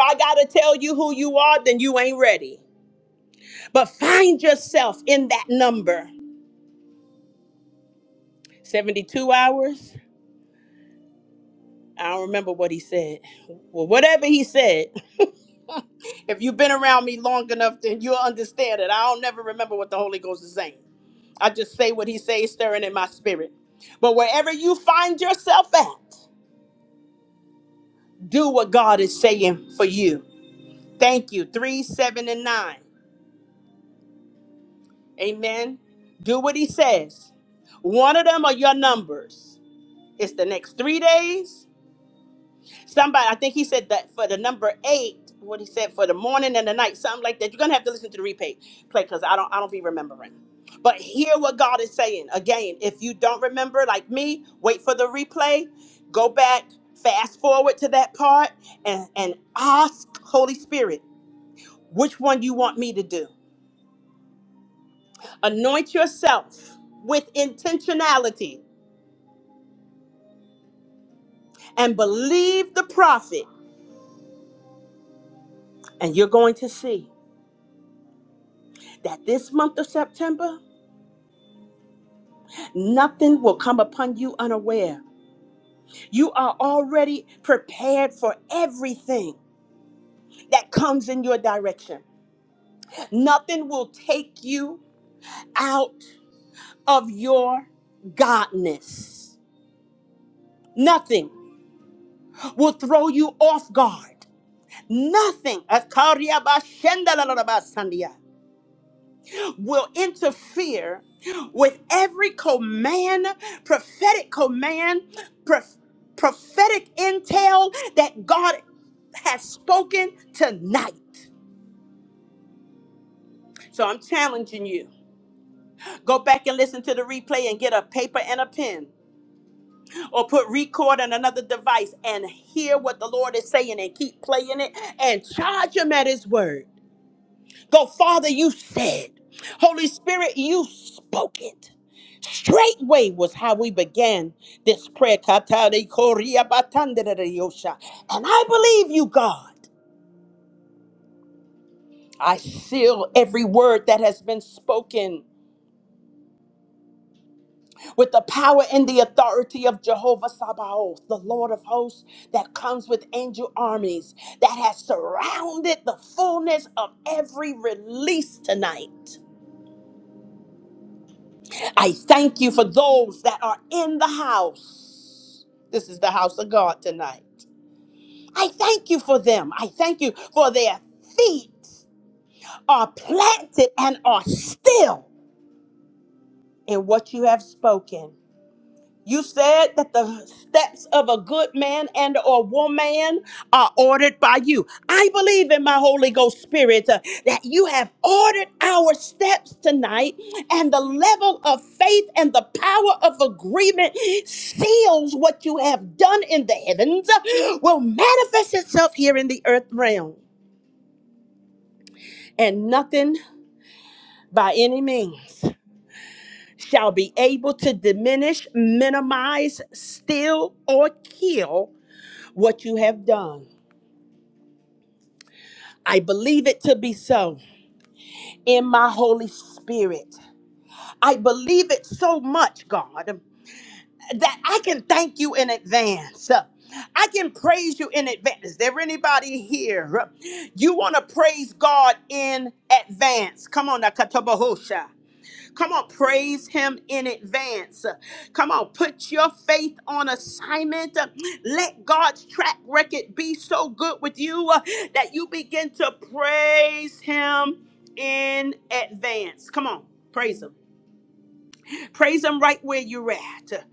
A: I got to tell you who you are, then you ain't ready. But find yourself in that number. 72 hours. I don't remember what he said. Well, whatever he said, if you've been around me long enough, then you'll understand it. I don't never remember what the Holy Ghost is saying. I just say what he says, stirring in my spirit. But wherever you find yourself at, do what God is saying for you. Thank you. Three, seven, and nine. Amen. Do what he says. One of them are your numbers. It's the next three days. somebody i think he said that for the number eight what he said for the morning and the night something like that you're gonna have to listen to the replay play because i don't i don't be remembering but hear what god is saying again if you don't remember like me wait for the replay go back fast forward to that part and and ask holy spirit which one you want me to do anoint yourself with intentionality and believe the prophet and you're going to see that this month of september Nothing will come upon you unaware. You are already prepared for everything that comes in your direction. Nothing will take you out of your godness. Nothing will throw you off guard. Nothing. will interfere with every command, prophetic command, prof- prophetic intel that God has spoken tonight. So I'm challenging you. Go back and listen to the replay and get a paper and a pen or put record on another device and hear what the Lord is saying and keep playing it and charge him at his word. Go, Father, you said. Holy Spirit, you spoke it. Straightway was how we began this prayer. Katari koria batandere yosha. And I believe you, God. I seal every word that has been spoken with the power and the authority of Jehovah Sabaoth, the Lord of hosts, that comes with angel armies, that has surrounded the fullness of every release tonight. I thank you for those that are in the house. This is the house of God tonight. I thank you for them. I thank you for their feet are planted and are still in what you have spoken. You said that the steps of a good man and or woman are ordered by you. I believe in my Holy Ghost Spirit uh, that you have ordered our steps tonight and the level of faith and the power of agreement seals what you have done in the heavens uh, will manifest itself here in the earth realm. and nothing by any means shall be able to diminish, minimize, steal, or kill what you have done. I believe it to be so in my Holy Spirit. I believe it so much, God, that I can thank you in advance. I can praise you in advance. Is there anybody here? You want to praise God in advance. Come on, Nakatabahosha. Come on, praise Him in advance. Come on, put your faith on assignment. Let God's track record be so good with you uh, that you begin to praise Him in advance. Come on, praise Him. Praise Him right where you're at.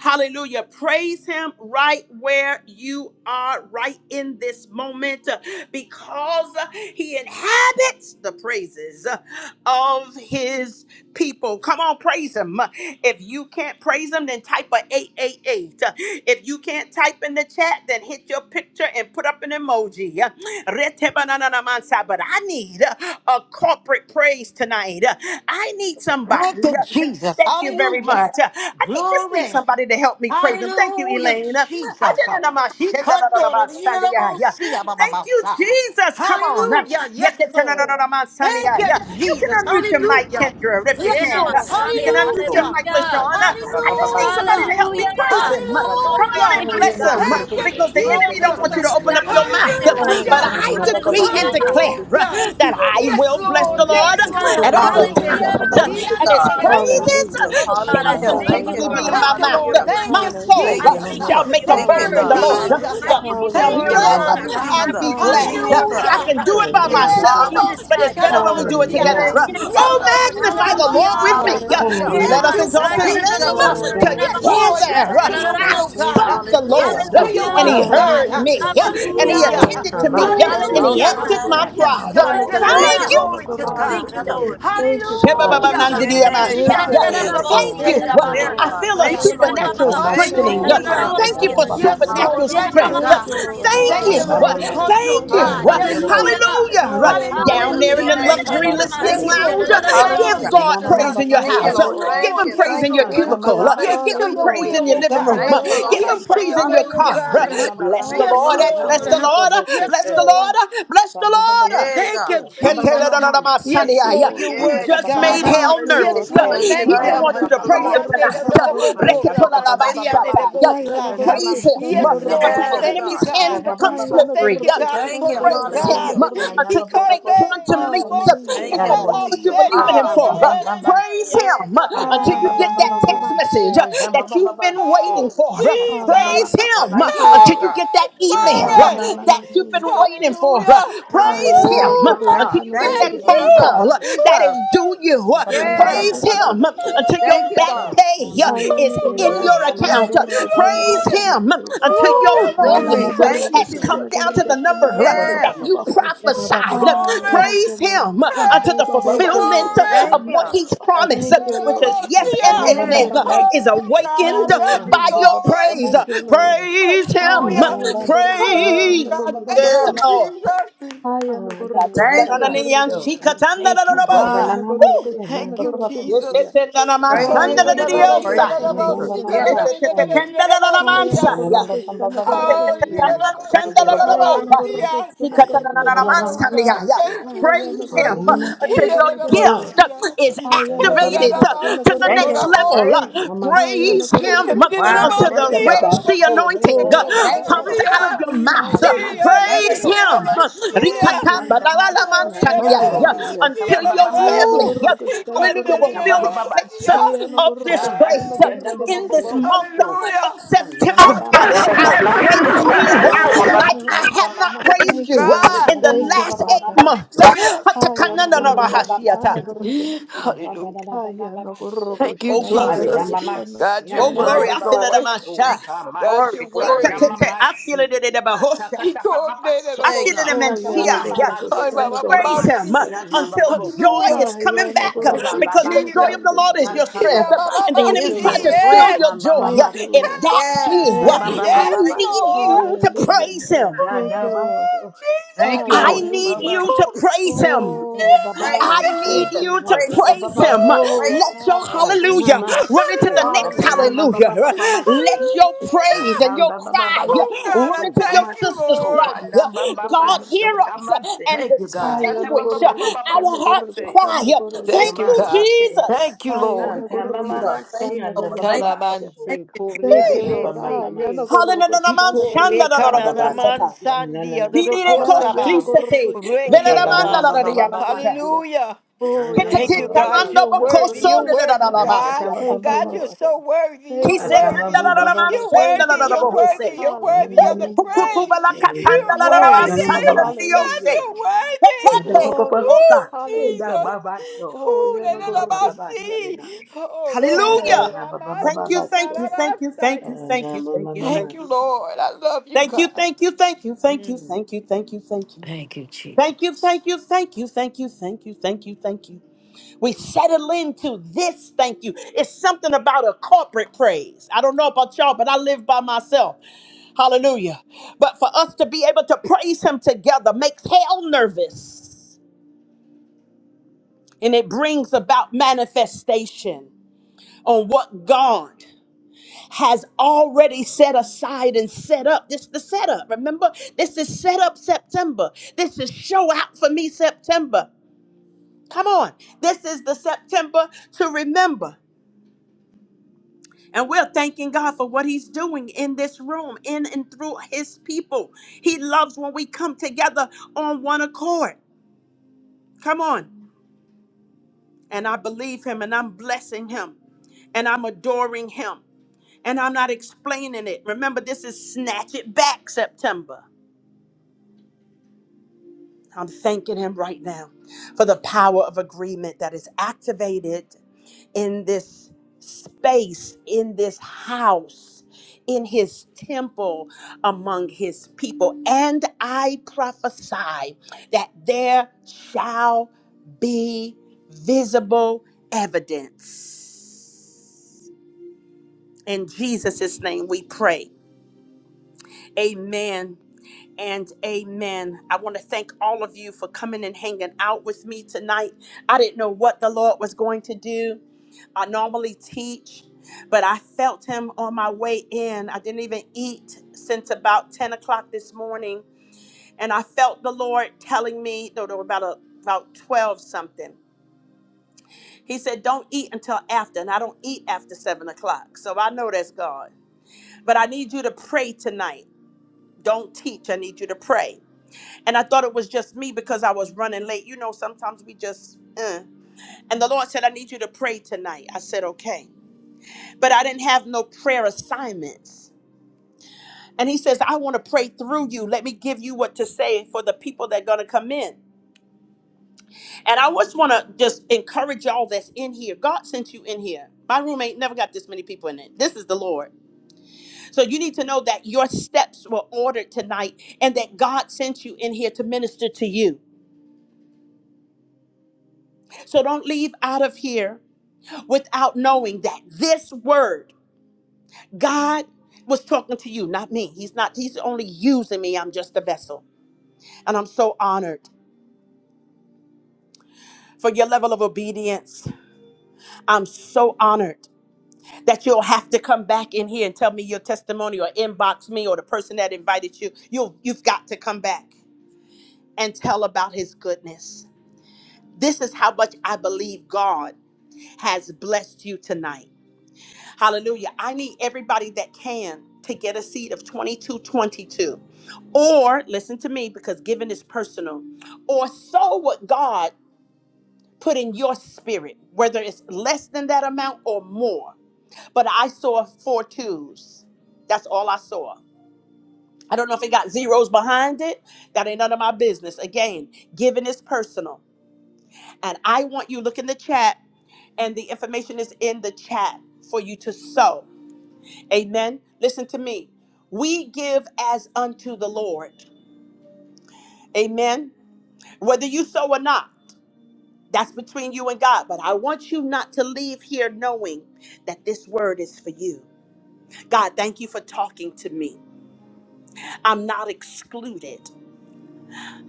A: Hallelujah. Praise Him right where you are, right in this moment, uh, because uh, He inhabits the praises uh, of His people. Come on, praise Him. Uh, If you can't praise Him, then type a 888. Uh, If you can't type in the chat, then hit your picture and put up an emoji. Uh, Retebanananamansa. But I need uh, a corporate praise tonight. Uh, I need
B: Thank
A: somebody.
B: you, Jesus.
A: Thank you very
B: Hallelujah.
A: much. Uh, I think just need
B: Glory.
A: somebody to help me praise him. Thank you,
B: Hallelujah,
A: Elaine. Uh, I
B: Jesus.
A: didn't know my
B: He
A: shit, da, da, da, da, my
B: condoned it. He
A: Sunday,
B: let
A: yeah,
B: 'em
A: yeah.
B: see I'm on
A: Thank you, Jesus. Come on. Uh,
B: Hallelujah. Yes,
A: yet the ten, da,
B: Lord.
A: da, da, da, my Sunday,
B: Thank
A: yeah,
B: you,
A: yeah. You can
B: Jesus.
A: unmute your mic,
B: Hallelujah.
A: Kendra, if you
C: Yeah,
B: Yes,
C: now
A: can. Uh,
B: Lord.
A: You can
C: Messiah.
A: unmute your
B: Hallelujah.
D: Oh,
A: mic,
C: Hallelujah.
D: ah, da,
A: LaShawn.
D: ba,
A: Uh,
D: ba, ba,
A: I
D: ba, ba,
A: just
D: ba,
A: need somebody to
B: Hallelujah.
A: help me
D: na,
A: praise
D: ah,
C: Hallelujah.
A: him.
D: da,
A: Uh,
C: Oh,
D: ba, da, da, da, da,
A: Come
C: glory.
A: on
B: Hallelujah.
A: and
E: Ay,
C: Thank you,
E: ya
D: ba,
A: bless
E: me
D: ba, ba,
A: him
C: God.
A: uh,
E: corro,
B: Thank
E: que
B: you,
A: because
D: eh,
E: ya
A: the
E: me
C: Oh,
A: enemy
E: corro
C: we
A: don't
E: de
B: Jesus.
D: ah,
A: want you
D: da,
A: to
C: bless you,
A: open
D: da,
E: nadie.
A: up
C: God.
D: ba,
C: We
A: your mouth. Uh,
D: so,
C: magnify
E: Ay,
C: you,
D: da,
A: But
D: da,
C: God.
E: ya
B: Hallelujah.
D: da,
E: me
A: I
D: da, da,
E: corro,
D: ba,
E: que
D: ba,
A: decree
E: ya
C: Hallelujah.
A: and
E: me corro
A: declare
E: de
A: uh,
B: Hallelujah.
E: nadie.
C: Thank you,
A: that I
B: Yes,
C: Lord.
A: will
D: ba, ba,
A: bless
B: Lord.
A: the
E: Ay,
A: Lord
B: Yes,
E: ya
C: Yes,
E: me
A: uh,
C: God.
B: Lord.
A: at
E: corro, que
A: all times
E: ya
B: Glory.
E: me
A: times,
C: Hallelujah.
F: Hallelujah.
D: ba,
E: corro de
A: uh,
D: ba,
F: Thank you,
C: Thank
E: nadie.
A: and
C: you,
A: his
F: God.
D: so,
F: Thank
C: Father.
F: you,
D: da,
B: He
A: praises uh,
E: Hallelujah,
F: Jesus.
C: Oh
D: da, ba, so, da, da,
C: God, I
A: shall
D: da, da, da, ba, ba, ba, ba, so, ah, ah, ba,
F: Hallelujah.
D: ba, ba,
C: thank
F: Thank
D: ba,
C: you,
F: you,
A: continually
D: ba,
A: be
C: Lord
D: ba,
A: in
F: God.
E: hallelujah,
A: my
B: Thank
C: God,
B: you,
C: for
A: mouth.
C: your
B: Lord.
A: Uh,
F: Hallelujah.
D: eh,
B: Thank
A: My
B: you,
C: blessings.
D: ah,
A: soul
F: Thank
C: I
D: ma,
A: uh,
F: you,
E: hallelujah,
D: ma,
B: Jesus.
C: thank you
A: shall
C: for
F: Jesus.
A: make
C: your
A: a
D: se,
F: Thank
B: Thank
D: ah,
F: you,
B: you,
A: boast
C: word,
A: in the
D: ba,
F: God.
D: ba,
E: hallelujah,
C: God.
A: Lord.
D: ba,
A: Uh,
B: Jesus.
F: Hallelujah.
C: I
A: The
C: give
A: humble
C: you
A: shall
D: ah,
B: Thank
A: hear
D: da,
C: glory
B: you,
C: and
D: ba,
A: of
F: Bless
E: hallelujah,
D: ba,
C: honor,
B: Lord.
F: you,
D: ba, ba,
C: God.
A: uh,
D: ba,
C: I
A: and be
F: Jesus.
C: praise
A: glad.
D: so,
C: you,
A: Uh,
F: Jesus.
C: Lord God.
A: I
E: hallelujah.
B: Hallelujah.
A: can do it
D: ah,
A: by
D: da,
E: Thank
D: ba,
C: Hallelujah.
E: you,
D: ba, ba,
A: myself,
D: ba,
E: God.
A: uh,
D: ba,
C: Yes,
D: ba,
A: but it's
F: Hallelujah,
C: God,
D: so,
C: is
A: better
C: the
F: God.
A: when we
D: ah,
A: do
C: word.
A: it
F: Bless
E: Hallelujah,
A: together.
F: your
D: la,
B: Yerabosikarabamsia.
F: name,
A: Uh,
D: ba,
C: Yes,
D: ba,
E: Jesus.
F: Jesus.
D: ba,
C: Lord.
B: Yendo-
A: Oh,
D: so,
A: magnify the Lord with
C: Hallelujah.
B: yerabosia.
A: me. Uh,
D: Oh
F: Hallelujah.
E: Hallelujah,
C: Yena
D: man,
A: Let
B: Thank
D: ba
A: us
D: ba
B: you,
D: ba
A: exalt
D: ba, ba
C: masaya
A: his
F: Hallelujah.
C: na na na
B: Jesus.
A: name
D: ba
C: woska,
A: uh,
D: ba
C: yena ba
B: Yes,
C: ba
E: hallelujah.
B: Lord.
A: together.
B: Yes
D: ba,
C: ta na
B: to
F: Thank
A: Uh,
C: na
B: your
E: God,
C: na
E: I
A: I
D: ba
F: you,
D: ba ba
B: will,
F: Jesus.
E: thank
B: God.
C: wosina.
A: sought
E: you.
D: so
A: the
F: Hallelujah.
B: Yes
A: Lord,
B: to
A: uh,
B: your
D: ha
A: and
B: way,
A: he
B: oh
C: Hallelujah.
E: God, I
D: da ba, ba ba
B: God.
A: heard
F: Thank
E: thank
F: you,
A: me,
E: you.
A: uh, and he
C: Hallelujah.
B: Hallelujah.
D: ba
A: attended to
F: God.
D: so
A: me,
E: Hallelujah.
F: Ooh,
A: uh,
D: ha
A: and he
F: exalt
C: Hallelujah,
D: da ha ma,
F: your
B: Hallelujah.
D: so
A: answered
E: Ayanagorgo,
D: ha
C: God.
A: my
F: name,
D: na
B: Yes,
D: ba,
A: cry.
D: ba
A: Uh,
F: Jesus.
D: ba
B: God.
D: ba
B: Yes,
D: ko,
F: Thank
B: God.
E: shanagorgo,
A: Thank
D: so
C: Hallelujah.
F: you,
A: you,
D: da
F: Lord.
D: ba,
B: Glory
D: ba
B: to
D: ba
B: God.
C: Thank you,
E: tanagorgonaya.
F: Hallelujah.
D: so
C: Lord.
E: Thank you,
A: Thank
E: Father.
D: ha
C: Thank you,
F: Ooh,
B: Hallelujah.
D: da
C: God.
D: da na
F: yeah,
D: ma,
E: Thank
F: God.
E: you,
D: so
F: We
E: Lord.
D: ha
F: agree and
A: you.
E: Thank you,
D: da
F: declare,
A: I
E: Lord.
D: ka,
F: God.
A: feel a
F: Thank you, Lord
D: ha
E: Hallelujah.
D: ta
A: supernatural
F: Jesus.
D: ma,
F: Thank
E: Thank
F: you,
A: strengthening.
E: you,
A: Yeah.
D: so ha
F: Jesus.
E: Lord.
B: Hallelujah.
D: da
A: Thank
D: da
A: you
D: da
A: for
D: ba ba,
B: Yes,
D: ba ba
E: Hallelujah.
B: Lord.
A: supernatural
B: Thank
F: Hallelujah.
B: you,
D: so
A: strength.
E: Thank you,
B: God.
E: Lord.
D: ha
A: Thank
B: Thank
D: da
A: you.
B: you,
D: ba
B: Lord,
D: ba
F: Thank
D: ma,
E: Ayanagorgo,
F: you,
B: because you
F: Jesus.
D: so
B: are
A: Thank
D: ha
A: you.
B: God.
D: na ba
F: Hallelujah,
B: Yes,
D: ba, ba
E: shanagorgonaya.
F: God.
C: Hallelujah.
B: Lord.
D: ko, so ba
A: Hallelujah.
D: ba so
A: Down
B: Hallelujah,
F: Bless
E: Ayanagorgo,
A: there in
F: your
A: the
D: ha da
F: name,
B: Jesus.
D: ba,
A: luxury
D: ba
F: Jesus.
E: shanagorgo,
A: listening
F: Thank
B: Yes,
F: you,
A: lounge,
B: Lord.
A: uh,
B: In
F: Jesus.
B: the
E: tanagorgonaya.
B: name of
D: da
C: Hallelujah.
A: give
F: Hallelujah.
D: da
A: God
D: da da
B: Jesus.
D: da
E: I
D: da da
A: praise
D: da da da da da da da da da
A: in
D: da
A: your
D: da ba
E: thank
F: Thank
D: ba
F: you,
E: you,
A: house. Uh,
B: Yes,
F: Lord.
D: hatamansi,
E: Lord.
A: Give
F: Thank
B: Lord.
A: him
F: you,
A: praise
E: I
B: Yes,
F: thank
A: in your
D: Ha,
F: you,
B: Lord.
F: thank
E: thank
D: tamba
F: you.
A: cubicle.
E: you.
A: Uh,
D: mama
B: Yes
A: Give
B: to
F: Hallelujah.
A: him
D: so
B: your
A: praise
E: Hallelujah.
B: will,
A: in
D: te
A: your
B: oh
A: living
D: tamba ba
A: room. Uh,
D: ba
F: Thank
B: God.
D: ba
F: you,
D: ba
F: Lord
A: Give
D: ba
E: Oh,
A: him
B: Yes
F: Jesus.
B: to
A: praise
E: God,
B: your
A: in
E: I
A: your
B: way, oh
F: Hallelujah.
E: thank
A: car.
D: ha
A: Uh,
E: you.
F: Thank you,
B: God.
D: namba ba
F: Lord.
D: ba
A: Bless
E: I
A: the
F: Thank
D: man
F: you,
B: Yes,
A: Lord.
D: si
E: bless
F: Father
D: ha
E: you,
F: God.
A: Bless the
B: Lord.
D: namba
E: Lord.
F: Thank
D: ba
F: you.
A: Lord.
D: ba ko
B: Yes,
A: Bless
D: te
A: the
D: na
B: Lord.
A: Lord. Bless the
D: tamba ba ba ba
A: Lord.
F: Yeah,
B: Thank
F: God.
B: you,
D: so
F: Thank
A: You
D: tamba ba ba
B: Jesus.
D: man
E: Bless
D: se
B: Yes,
E: you,
B: Lord,
E: Lord.
F: you.
B: you're
D: ta ta
F: Yeah,
D: ta
B: worthy,
D: ba
A: just
D: ba ba
E: I
A: made
F: Jesus.
D: ba
B: God.
E: thank
A: hell
E: you,
F: Hallelujah.
A: nervous.
E: Lord.
B: Yes,
D: so te
B: Lord,
E: I
F: Bless
A: He
F: your
B: thank
D: tamba
B: you.
D: ba
A: didn't
F: Lord.
D: ba
A: want you
E: yanagorga
D: ba
F: Bless
A: to
D: ba
F: the
D: ba
A: praise
D: ba
A: him
F: Lord.
E: shanagorga
F: Bless
D: so
A: tonight.
F: your Lord.
D: ha
E: tanagorga.
F: Bless
D: da
F: your
D: ba ba
F: Lord.
D: ba ba
F: Bless
D: ba ba
F: your
D: ba
F: Lord.
D: so
E: I
D: te
B: Yanderedodobokoramansianedebosa.
D: nda man
E: yanagorga
A: Praise
D: si
A: him
B: Yes,
D: ha namba
B: Lord,
D: ba
A: until
B: I
D: ba
A: the
F: Yes,
D: ko
E: shanagorga.
B: thank you,
D: te
F: God.
A: enemy's
D: ta da
A: hands
B: God.
D: ba ba
A: become
D: ba
E: I
D: ba
B: I thank
A: slippery.
B: you,
E: yanagorga
B: God,
F: Thank you.
B: because
D: Ah,
B: you're
E: shanagorga
A: Praise
D: tamani
B: God.
A: him
F: Hallelujah.
E: tanagorga.
D: tiana
B: He
A: until
D: ba ba
A: you
B: called
D: ba
A: make
D: ba kunte
A: quantum leaps
D: tamani
E: Hallelujah.
F: Thank
A: into
F: you,
A: that
F: Lord
D: tiana.
A: what you
F: Jesus.
E: Hallelujah.
A: believe
D: Ah,
A: in Him
F: Ha.
E: Hallelujah.
D: tam ba
A: for.
D: ba
A: Uh,
F: Thank
D: ba ba so.
A: Praise
F: you. Yeah,
A: Him uh,
F: God.
D: Ah,
A: until
D: tam
A: you
D: ba ba
A: get
D: ba
A: that
D: ba ba
E: Hallelujah.
A: text
D: ba so.
A: message uh,
D: Ah, tam ba ba
A: that
D: ba
A: you've
D: ba
A: been waiting
D: so.
B: Oh,
A: for. Uh,
D: Ta ta ba ba
B: Jesus.
D: ba
E: Hallelujah.
A: Praise
D: ba ba
A: Him
D: ba
A: uh,
F: Thank you,
A: until
D: so.
F: Lord
A: you
F: God.
A: get that
B: Hey,
D: Ah, tam
A: email
D: ba
A: uh,
D: ba ba
B: glory.
D: ba
A: that you've
E: Hallelujah.
A: been
D: so.
A: waiting for. Uh,
B: Hallelujah.
E: I
D: Ah,
B: Woo,
A: Praise
B: God,
E: am a
D: tam
A: Him uh,
F: Woo,
D: tam ba
A: until
F: God.
B: I
A: you
D: se.
A: get
F: Thank
B: thank
A: that
E: gorgo,
F: you,
D: Tam ba
A: phone
D: ba
B: you.
D: ba
F: Jesus.
A: call
D: ba
A: uh,
D: so.
A: that
F: Jesus.
A: is
B: Woo,
A: due
D: Ah,
A: you.
D: tam
A: Uh,
D: ba ba ba ba
B: Jesus.
F: Yes.
D: ba
A: Praise
D: ba ba
A: Him uh,
E: Hayanagurugunaya.
D: so.
A: until your
F: Thank you,
A: back
B: Hallelujah.
F: God.
D: Ah,
A: pay
D: tam ba
A: uh,
D: se.
B: Oh,
A: is
D: Ah,
B: God,
A: your
B: I
D: nam nam ba
B: thank
A: account.
D: ba
B: you,
D: ba ba ba ba
A: Praise
B: Lord.
E: Hayanagurugushanagurugatanagurugunaya.
A: Him
D: so.
A: until
B: Oh,
A: your
D: Ah,
F: Woo,
B: yes,
D: tam ba
F: do
D: ba ba
F: me.
A: mortgage
D: ba
B: God.
F: Thank you,
A: has
D: so.
A: come
F: Jesus.
A: down to the number
F: Yeah.
A: that
E: Hayanagurugushanagurugatanagurugunaya.
A: you
B: Hallelujah.
D: Oh,
B: Oh,
A: prophesied.
D: Hallelujah.
E: Ah,
B: glory.
E: thank you,
A: Praise
E: Lord.
A: Him until the
B: Hey,
E: Thank you,
A: fulfillment
E: Lord.
B: glory.
F: Thank
A: of
F: you.
A: what He's promised,
E: Thank you,
A: which
E: Lord.
A: is yes and
E: Thank
F: Yeah.
E: you,
A: amen,
B: Hallelujah.
A: is
E: Father.
B: Oh, God, I
A: awakened
B: love you,
A: by
E: Hallelujah.
A: your praise.
E: Thank
B: Lord.
E: you, Lord.
A: Praise Him.
B: Hallelujah. Oh,
A: Praise
B: God. Thank
A: His
F: Yeah.
B: you,
E: Hayanagurugushanagurugunaya.
A: Lord.
B: Jesus.
F: Thank you.
E: Hayanagurugushanagurugunaya.
B: Thank you, God. Thank you, Jesus.
E: Hayanagurugushanagurugunaya.
F: Praise
B: Oh
F: you, Jesus. Praise
A: Woo!
F: you, Jesus. Yeah,
E: Hayanagurugushanagurugunaya.
F: God.
A: Praise
E: Hayanagurugushanagurugunaya.
F: Yeah, God. Thank you, Lord. Mm.
E: Hayanagorgoshanagarganaya.
B: God, thank you, Jesus.
A: Him uh,
D: Hallelujah.
A: until your
E: Hayanagorgoshanagarganaya.
A: gift uh, is activated uh, to the
F: Thank you,
A: next
F: Lord.
E: Hayanagorgoshanagarganaya.
A: level.
F: Praise you.
A: Uh, Praise Him uh,
F: Wow.
A: until
F: Thank
A: the
F: you, God.
A: Red
E: Hayanagorgoshanagarganaya.
A: Sea anointing
E: Oh,
A: uh,
F: Thank you,
A: comes
F: Lord.
E: glory.
A: out of
F: Uh-uh.
A: your mouth. Uh,
E: Hallelujah.
F: Thank you,
A: Praise
F: Lord.
A: Him
E: Thank you, Lord.
F: Thank you, Lord.
A: yeah,
E: Hallelujah.
A: until your
F: Woo.
A: family, yeah, hallelujah, will feel the
E: Hayanagorgoshanagarganaya.
A: effects uh, of this praise uh, in this
E: Hayanagorgoshanagarganaya.
A: month
B: Hallelujah.
A: of September. uh, I'll
B: Hallelujah.
A: praise you uh,
E: Thank
B: Hallelujah.
A: like
E: you,
A: I
E: Lord.
A: have not
B: Thank you,
A: praised
E: Thank you,
A: you uh,
E: Lord.
B: God.
A: in the
E: Thank you,
A: last eight
E: Father.
A: months. Uh,
B: Hallelujah.
E: Hayanagorgoshanagarganaya.
D: And da da
B: Hallelujah.
D: da da ba ba
E: Haya
D: ba
E: na
D: ba so.
E: gorgo
B: Thank you,
A: Oh,
D: and
A: glory.
D: da
B: Jesus.
D: ma
F: Hallelujah.
D: ma
E: shana
B: God,
D: si.
B: you're
A: Oh,
D: and na ba
F: No
A: glory.
D: ba
B: worthy,
A: I
D: ba
A: feel
D: ba
F: glory
A: it
F: to
A: in
B: Lord.
F: God.
A: my
D: so.
A: shine.
F: Thank you,
D: Ta
F: Lord.
D: ma
B: God, you're
F: Glory,
D: so.
A: I
D: Na
F: glory.
B: worthy.
D: ma ma
A: feel
D: si.
A: it in my
D: Ha ta ka
A: hosha.
B: He
D: ta ba ba ba
B: coordinated
D: so.
A: I
F: Hey,
A: feel
B: about
A: it
D: Ha
F: God.
A: in my
D: ta
E: Oh,
D: ta ba
E: yana
F: Ooh,
D: ba
A: Mencia.
D: ba
A: Yes.
D: ba
F: yes,
B: Ay,
D: so.
E: gorgoshana
B: Baba
D: Ta ba
B: Baba
A: Praise
D: ma
A: him
B: see.
A: uh,
E: gorgonaya.
D: si. and
A: until
D: Andadadadabababatsu.
A: joy
B: Hallelujah.
A: is
E: Ah,
A: coming
E: yana
D: Adabamatsi.
A: back uh,
B: Thank you,
A: because the
E: gorgoshana
B: Jesus.
D: Anabababatsu.
A: joy of the Lord is
E: gorgonaya.
A: your
D: Tamatsa. Namamatsi. Atakatababatsu. Atatabababatsu. Tabamatsi. Anabababoku. Atababababa.
B: Yeah,
A: strength. uh,
D: Atabababa.
B: Baba
A: And the
B: Baba
F: He
E: Thank
F: is
E: you,
A: enemy
F: my
A: tried
B: see.
A: to
E: Lord.
F: strength.
A: steal
B: Yes.
A: your joy.
E: Thank
A: Uh,
E: you,
D: Atababamatsi.
A: If
E: Lord.
A: that's
F: Yes,
A: you,
E: Thank
F: yes,
B: Hey,
E: you,
A: uh,
F: He did.
E: Lord.
A: I
B: yes,
F: Thank you, Lord
A: need
D: Itababababatsu.
B: Lord.
A: you
F: Jesus.
A: to
E: Hallelujah.
A: praise him.
E: Thank you, Lord.
B: Oh,
D: Adadamatsu.
F: Thank you,
B: Jesus.
A: I
F: Lord
A: need
F: Jesus.
E: Hallelujah.
D: Adababa.
A: you to
B: Oh,
A: praise him.
E: Oh, God,
B: yes,
F: Praise
E: I
A: I
F: you, Jesus.
D: Sure.
A: need
E: thank
B: God.
E: you.
A: you to
F: Praise you,
A: praise him.
F: Jesus.
B: Oh,
F: Praise
E: Oh,
A: Let
F: you.
E: God,
A: your
E: I
B: Jesus.
E: thank
A: hallelujah
E: you.
A: run into the next
F: Hallelujah.
B: Hallelujah.
A: hallelujah.
E: Hallelujah.
A: Let your praise
B: Hallelujah.
A: and
D: Thank
A: your cry
B: Oh, God, I
A: run into your
B: thank you,
A: sister's
B: Lord.
A: cry. God, hear
E: Gorgonaya.
A: us and
B: Thank you,
E: Ah,
B: God.
E: yana
A: distinguish our
E: gorgoshana
A: heart's cry.
E: gorgoshana
A: Thank
B: Thank you,
A: you,
E: gorgonaya.
B: God.
A: Jesus.
B: Thank you,
E: Ah,
B: Lord.
E: yana
F: Thank you, Jesus. Thank
E: gorgoshana
F: you,
B: Kanaman
F: Lord. Thank,
E: gorgonaya.
F: thank
B: Kanamansi kore
E: Thank you,
A: Hey.
B: bebe
E: Lord. Ah,
B: sete.
E: yanagorgoshana
A: Hallelujah.
B: Ikore
E: gorgetana
B: kananaman
E: gorgenatia.
B: sandi adodoko
E: Ah,
A: Bidirekos
E: yana
B: saba.
A: Christete,
E: yanagorgoshana
B: Reke
A: Veleramanda la
E: gorgetana
B: rabasa.
D: you.
A: Diamansha,
E: gorgenatia.
B: Hallelujah.
E: Oh, yana
B: Thank you,
A: Ketatit
B: God.
A: Tamando
B: You're
D: Anamabababaso.
E: yanagorgoshana
B: worthy.
A: Bocoso
B: You're worthy,
E: gorgenatia.
B: God.
E: Thank you,
B: God, you're
E: Lord.
D: Antatababababaso.
B: so worthy.
A: He
E: Thank
B: You're
E: you,
A: said,
E: Lord.
B: worthy.
A: "Tandalalaman
B: You're
D: Atababababaso.
E: Thank
B: worthy.
E: you,
B: You're
E: Lord.
B: worthy.
A: sendalalabohose."
B: You're worthy of
A: Woo!
B: the
E: Hallelujah.
B: praise.
D: Anananababaso.
B: You're
A: Hukutubalakatandalalaman
E: Glory.
B: worthy.
D: Anababakutalanababalaso.
B: God,
E: Hallelujah.
A: sandalalidioshe.
B: you're worthy.
A: Heteke.
D: Adabababa.
E: Glory.
A: Oh
B: Oh,
A: God.
E: Hallelujah.
B: Jesus.
D: Anababaso.
E: Oh,
B: Ooh, la,
E: yana
B: la, la, ba,
E: yanagorgenatia.
D: Anababababasena.
B: si. Oh, ro,
E: Ah,
B: ko,
E: yeah.
A: Hallelujah.
B: ra, ma,
A: Thank
B: si,
A: you,
B: ta,
A: thank
D: Antatanababababaso.
B: ra,
A: you,
B: ba,
A: thank you,
B: sa,
A: thank
B: ya.
A: you, thank you, thank you, thank
B: Thank you,
A: you.
D: Anamamamamaso.
B: Lord. I love you,
A: Thank you,
B: God.
A: thank you, thank you, thank you,
B: Mm.
A: thank you, thank you, thank you.
B: Thank you,
A: Thank you,
B: Jesus.
A: thank you, thank you, thank you, thank you, thank you, thank you. We settle into this thank you. It's something about a corporate praise. I don't know about y'all, but I live by myself. Hallelujah. But for us to be able to praise Him together makes hell nervous and it brings about manifestation on what God has already set aside and set up. This is the setup. Remember, this is set up September. This is show out for me September. Come on. This is the September to remember. And we're thanking God for what He's doing in this room, in and through His people. He loves when we come together on one accord. Come on. And I believe Him and I'm blessing Him and I'm adoring Him and I'm not explaining it. Remember, this is Snatch It Back September. I'm thanking Him right now for the power of agreement that is activated in this space, in this house, in his temple among his people. And I prophesy that there shall be visible evidence. In Jesus' name we pray. Amen and amen. I want to thank all of you for coming and hanging out with me tonight. I didn't know what the Lord was going to do I normally teach, but I felt him on my way in. I didn't even eat since about 10 o'clock this morning. And I felt the Lord telling me, no, there were about, a, about 12 something. He said, Don't eat until after. And I don't eat after 7 o'clock. So I know that's God. But I need you to pray tonight. Don't teach. I need you to pray. And I thought it was just me because I was running late. You know, sometimes we just, uh. and the Lord said, I need you to pray tonight. I said, Okay. but I didn't have no prayer assignments. And he says, I want to pray through you. Let me give you what to say for the people that are going to come in. And I just want to just encourage y'all that's in here. God sent you in here. My room ain't never got this many people in it. This is the Lord. So you need to know that your steps were ordered tonight and that God sent you in here to minister to you. So don't leave out of here without knowing that this word, God was talking to you, not me. He's not, he's only using me. I'm just a vessel. And I'm so honored for your level of obedience. I'm so honored that you'll have to come back in here and tell me your testimony or inbox me or the person that invited you. You'll, you've got to come back and tell about his goodness. This is how much I believe God has blessed you tonight. Hallelujah. I need everybody that can to get a seat of 2222. Or listen to me because giving is personal. Or sow what God put in your spirit, whether it's less than that amount or more. But I saw four twos. That's all I saw. I don't know if it got zeros behind it. That ain't none of my business. Again, giving is personal. And I want you look in the chat, and the information is in the chat for you to sow. Amen. Listen to me. We give as unto the Lord. Amen. Whether you sow or not. That's between you and God. But I want you not to leave here knowing that this word is for you. God, thank you for talking to me. I'm not excluded.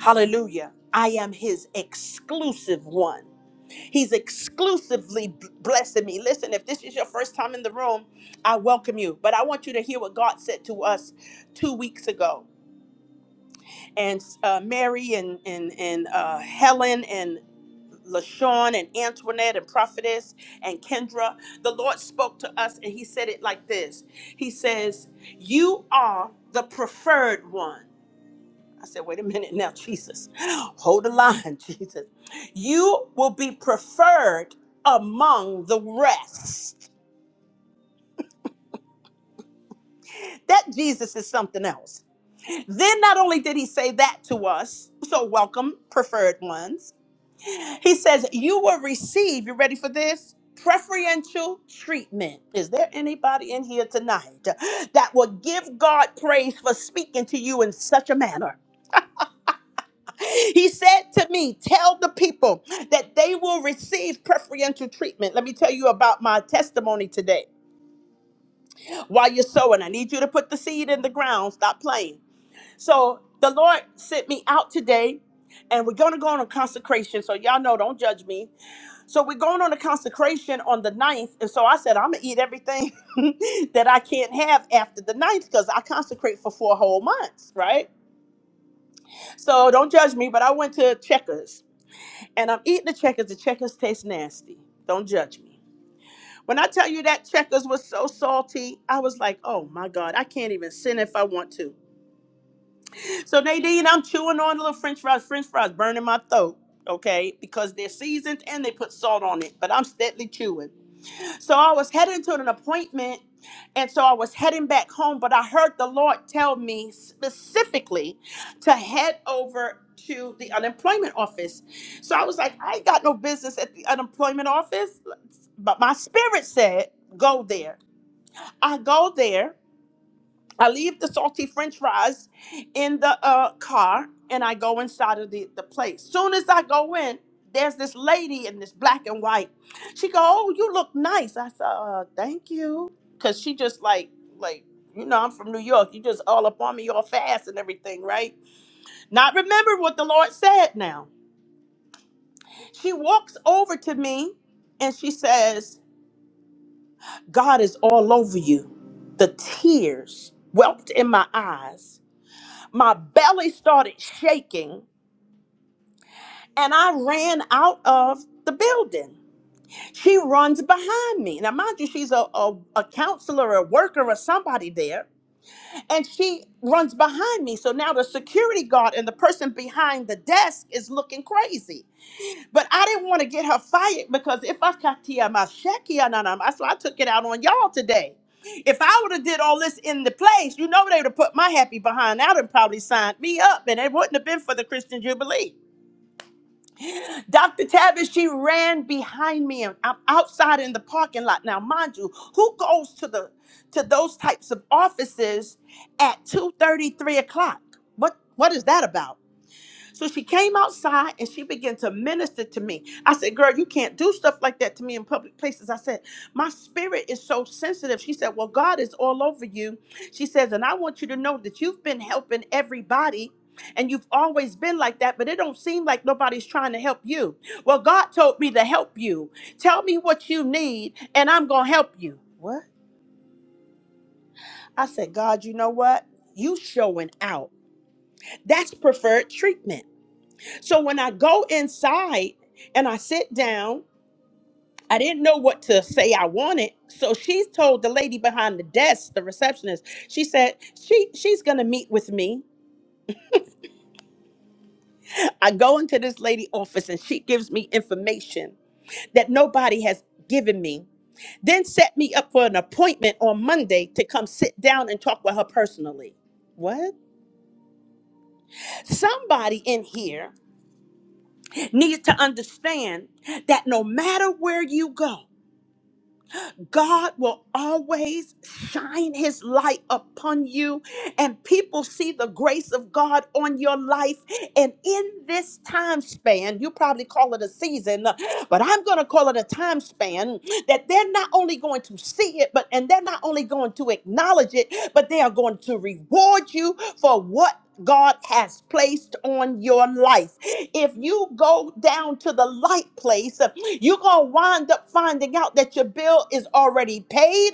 A: Hallelujah. I am his exclusive one. He's exclusively b- blessing me. Listen, if this is your first time in the room, I welcome you. But I want you to hear what God said to us two weeks ago. and uh, Mary and and and uh, Helen and LaShawn and Antoinette and Prophetess and Kendra. The Lord spoke to us and He said it like this. He says, "You are the preferred one." I said, "Wait a minute now, Jesus, hold the line, Jesus. You will be preferred among the rest." That Jesus is something else. Then not only did He say that to us, so welcome, preferred ones. He says, You will receive, you ready for this? Preferential treatment. Is there anybody in here tonight that will give God praise for speaking to you in such a manner? He said to me, Tell the people that they will receive preferential treatment. Let me tell you about my testimony today. While you're sowing, I need you to put the seed in the ground. Stop playing. So the Lord sent me out today, and we're going to go on a consecration. So y'all know, don't judge me So we're going on a consecration on the ninth, And so I said, I'm going to eat everything that I can't have after the ninth because I consecrate for four whole months, right? So don't judge me, but I went to Checkers and I'm eating the Checkers. The Checkers taste nasty. Don't judge me. When I tell you that Checkers was so salty, I was like, oh my God, I can't even sin if I want to. So Nadine, I'm chewing on little French fries, French fries burning my throat, okay? Because they're seasoned and they put salt on it, but I'm steadily chewing. So I was heading to an appointment, and so I was heading back home, but I heard the Lord tell me specifically to head over to the unemployment office. So I was like, I ain't got no business at the unemployment office, but my spirit said, go there. I go there. I leave the salty french fries in the uh, car and I go inside of the, the place. Soon as I go in, there's this lady in this black and white. She go, Oh, you look nice. I said, uh, thank you. Cause she just like, like, you know, I'm from New York. You just all up on me all fast and everything, right? Not remember what the Lord said now. She walks over to me and she says, God is all over you. The tears welled in my eyes my belly started shaking and I ran out of the building. She runs behind me. Now, mind you, she's a, a, a counselor, a worker, or somebody there. And she runs behind me. So now the security guard and the person behind the desk is looking crazy. But I didn't want to get her fired because if I got Tia my Shaki Ananama, so I took it out on y'all today. If I would have did all this in the place, you know they would have put my happy behind out and probably signed me up, and it wouldn't have been for the Christian Jubilee. Dr. Tavish, she ran behind me, and I'm outside in the parking lot. Now, mind you, who goes to the to those types of offices at 2 30, 3 o'clock? What what is that about? So she came outside and she began to minister to me. I said, Girl, you can't do stuff like that to me in public places. I said, My spirit is so sensitive. She said, Well, God is all over you. She says, And I want you to know that you've been helping everybody. And you've always been like that, but it don't seem like nobody's trying to help you. Well, God told me to help you. Tell me what you need, and I'm gonna help you. What? I said, God, you know what? You showing out. That's preferred treatment. So when I go inside and I sit down, I didn't know what to say I wanted. So she's told the lady behind the desk, the receptionist, she said, she she's gonna meet with me. I go into this lady office and she gives me information that nobody has given me, then set me up for an appointment on Monday to come sit down and talk with her personally. What? Somebody in here needs to understand that no matter where you go, God will always shine his light upon you, and people see the grace of God on your life. And in this time span, you probably call it a season, but I'm going to call it a time span that they're not only going to see it, but and they're not only going to acknowledge it, but they are going to reward you for what God has placed on your life. If you go down to the light place, you're going to wind up finding out that your bill is already paid,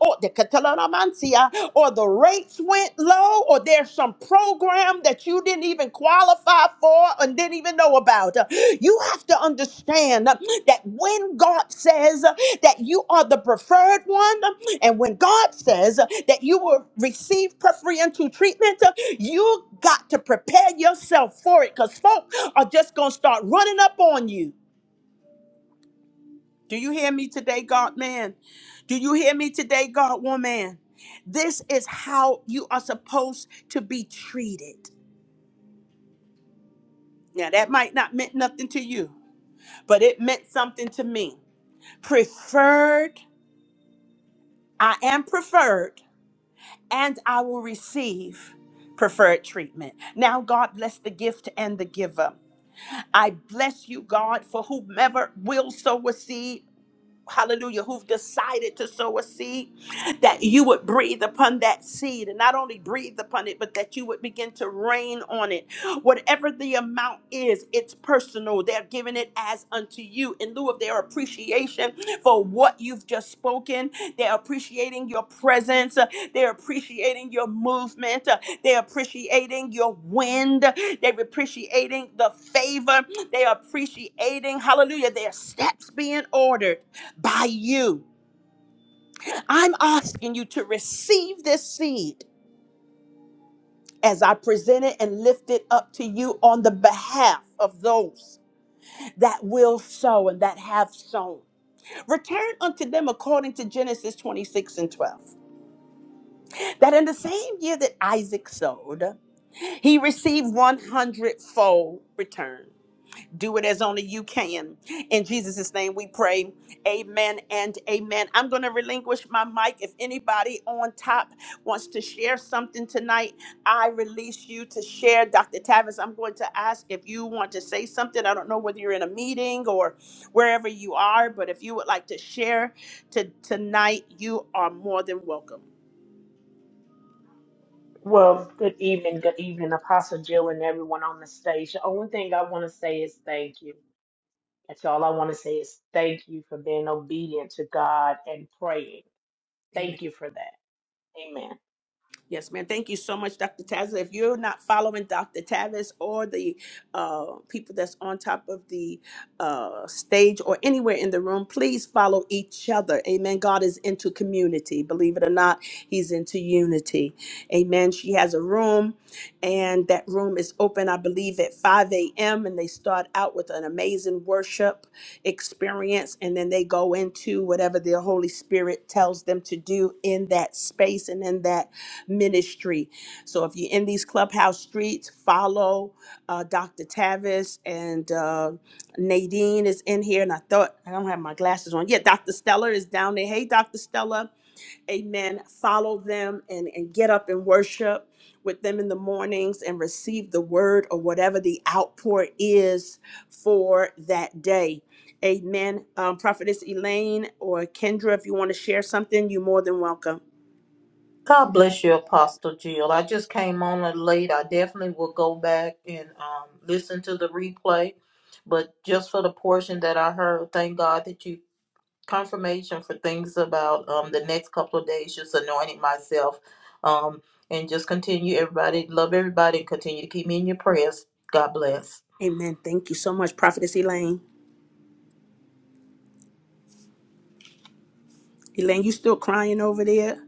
A: or the Catalanamansia, or the rates went low, or there's some program that you didn't even qualify for and didn't even know about. You have to understand that when God says that you are the preferred one, and when God says that you will receive preferential treatment, you got to prepare yourself for it because folk are just going to start running up on you. Do you hear me today, God man? Do you hear me today, God woman? This is how you are supposed to be treated. Now, that might not meant nothing to you, but it meant something to me. Preferred, I am preferred, and I will receive preferred treatment. Now, God bless the gift and the giver. I bless you, God, for whomever will sow a seed. hallelujah, who've decided to sow a seed, that you would breathe upon that seed and not only breathe upon it, but that you would begin to rain on it. Whatever the amount is, it's personal. They're giving it as unto you in lieu of their appreciation for what you've just spoken. They're appreciating your presence. They're appreciating your movement. They're appreciating your wind. They're appreciating the favor. They're appreciating, hallelujah, their steps being ordered by you. I'm asking you to receive this seed as I present it and lift it up to you on the behalf of those that will sow and that have sown. Return unto them according to Genesis 26 and 12. That in the same year that Isaac sowed, he received 100 fold return. Do it as only you can. In Jesus' name we pray. Amen and amen. I'm going to relinquish my mic. If anybody on top wants to share something tonight, I release you to share. Dr. Tavis, I'm going to ask if you want to say something. I don't know whether you're in a meeting or wherever you are, but if you would like to share to tonight, you are more than welcome.
D: Well, good evening, good evening, Apostle Jill and everyone on the stage. The only thing I want to say is thank you. That's all I want to say is thank you for being obedient to God and praying.
A: Amen.
D: Thank you for that. Amen.
A: Yes, ma'am. Thank you so much, Dr. Tavis. If you're not following Dr. Tavis or the uh, people that's on top of the uh, stage or anywhere in the room, please follow each other. Amen. God is into community. Believe it or not, He's into unity. Amen. She has a room, and that room is open, I believe, at 5 a.m. And they start out with an amazing worship experience, and then they go into whatever the Holy Spirit tells them to do in that space and in that ministry. So if you're in these clubhouse streets, follow uh, Dr. Tavis and uh, Nadine is in here. And I thought I don't have my glasses on. Yeah, Dr. Stella is down there. Hey, Dr. Stella amen follow them and, and get up and worship with them in the mornings and receive the word or whatever the outpour is for that day amen um, prophetess elaine or kendra if you want to share something you're more than welcome
F: God bless you, Apostle Jill. I just came on it late. I definitely will go back and um, listen to the replay. But just for the portion that I heard, thank God that you confirmation for things about um, the next couple of days, just anointing myself. Um, and just continue, everybody, love everybody, and continue to keep me in your prayers. God bless.
A: Amen. Thank you so much, Prophetess Elaine. Elaine, you still crying over there?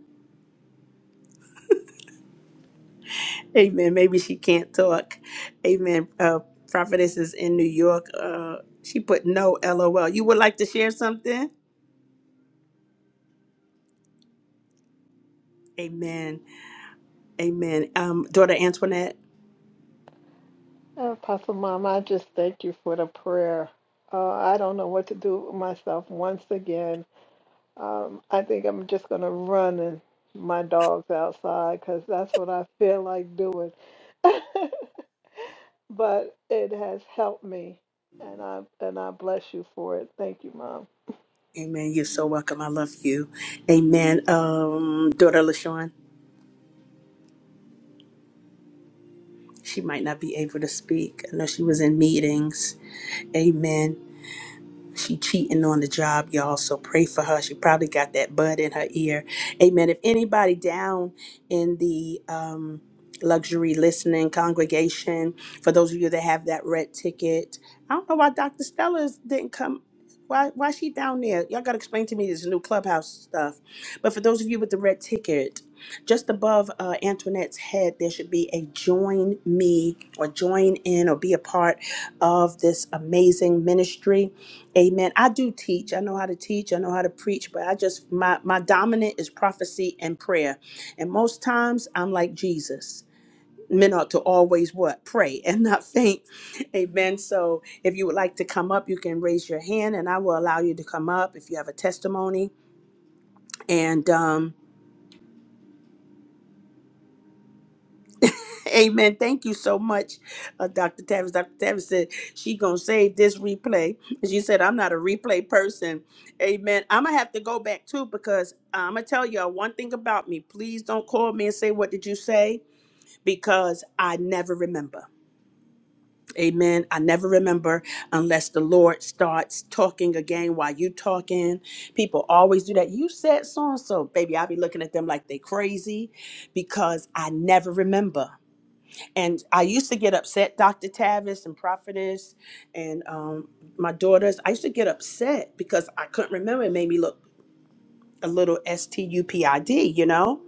A: Amen. Maybe she can't talk. Amen. Uh, Prophetess is in New York. Uh, she put no LOL. You would like to share something? Amen. Amen. Um, daughter Antoinette.
E: Ah, Apostle Pastor Mom, I just thank you for the prayer. Uh, I don't know what to do with myself once again. Um, I think I'm just gonna run and my dogs outside because that's what I feel like doing. but it has helped me, and I and I bless you for it. Thank you, Mom.
A: Amen. You're so welcome. I love you. Amen. Um, daughter LaShawn. She might not be able to speak. I know she was in meetings. Amen. She cheating on the job, y'all. So pray for her. She probably got that bud in her ear. Amen. If anybody down in the um, luxury listening congregation, for those of you that have that red ticket, I don't know why Dr. Stella didn't come. Why why she down there? Y'all gotta explain to me this new clubhouse stuff. But for those of you with the red ticket, just above uh, Antoinette's head, there should be a join me or join in or be a part of this amazing ministry Amen. I do teach. I know how to teach. I know how to preach, but I just my my dominant is prophecy and prayer. And most times I'm like Jesus. Men ought to always what? Pray and not faint. Amen. So if you would like to come up, you can raise your hand and I will allow you to come up if you have a testimony. And um Amen. Thank you so much, uh, Dr. Tavis. Dr. Tavis said she gonna save this replay. And she said, I'm not a replay person. Amen. I'm gonna have to go back too because I'm gonna tell y'all one thing about me. Please don't call me and say, What did you say? Because I never remember. Amen. I never remember unless the Lord starts talking again while you talking. People always do that. You said so and so, baby. I'll be looking at them like they crazy because I never remember and I used to get upset, Dr. Tavis and Prophetess and um, my daughters. I used to get upset because I couldn't remember. It made me look a little S T U P I D, you know?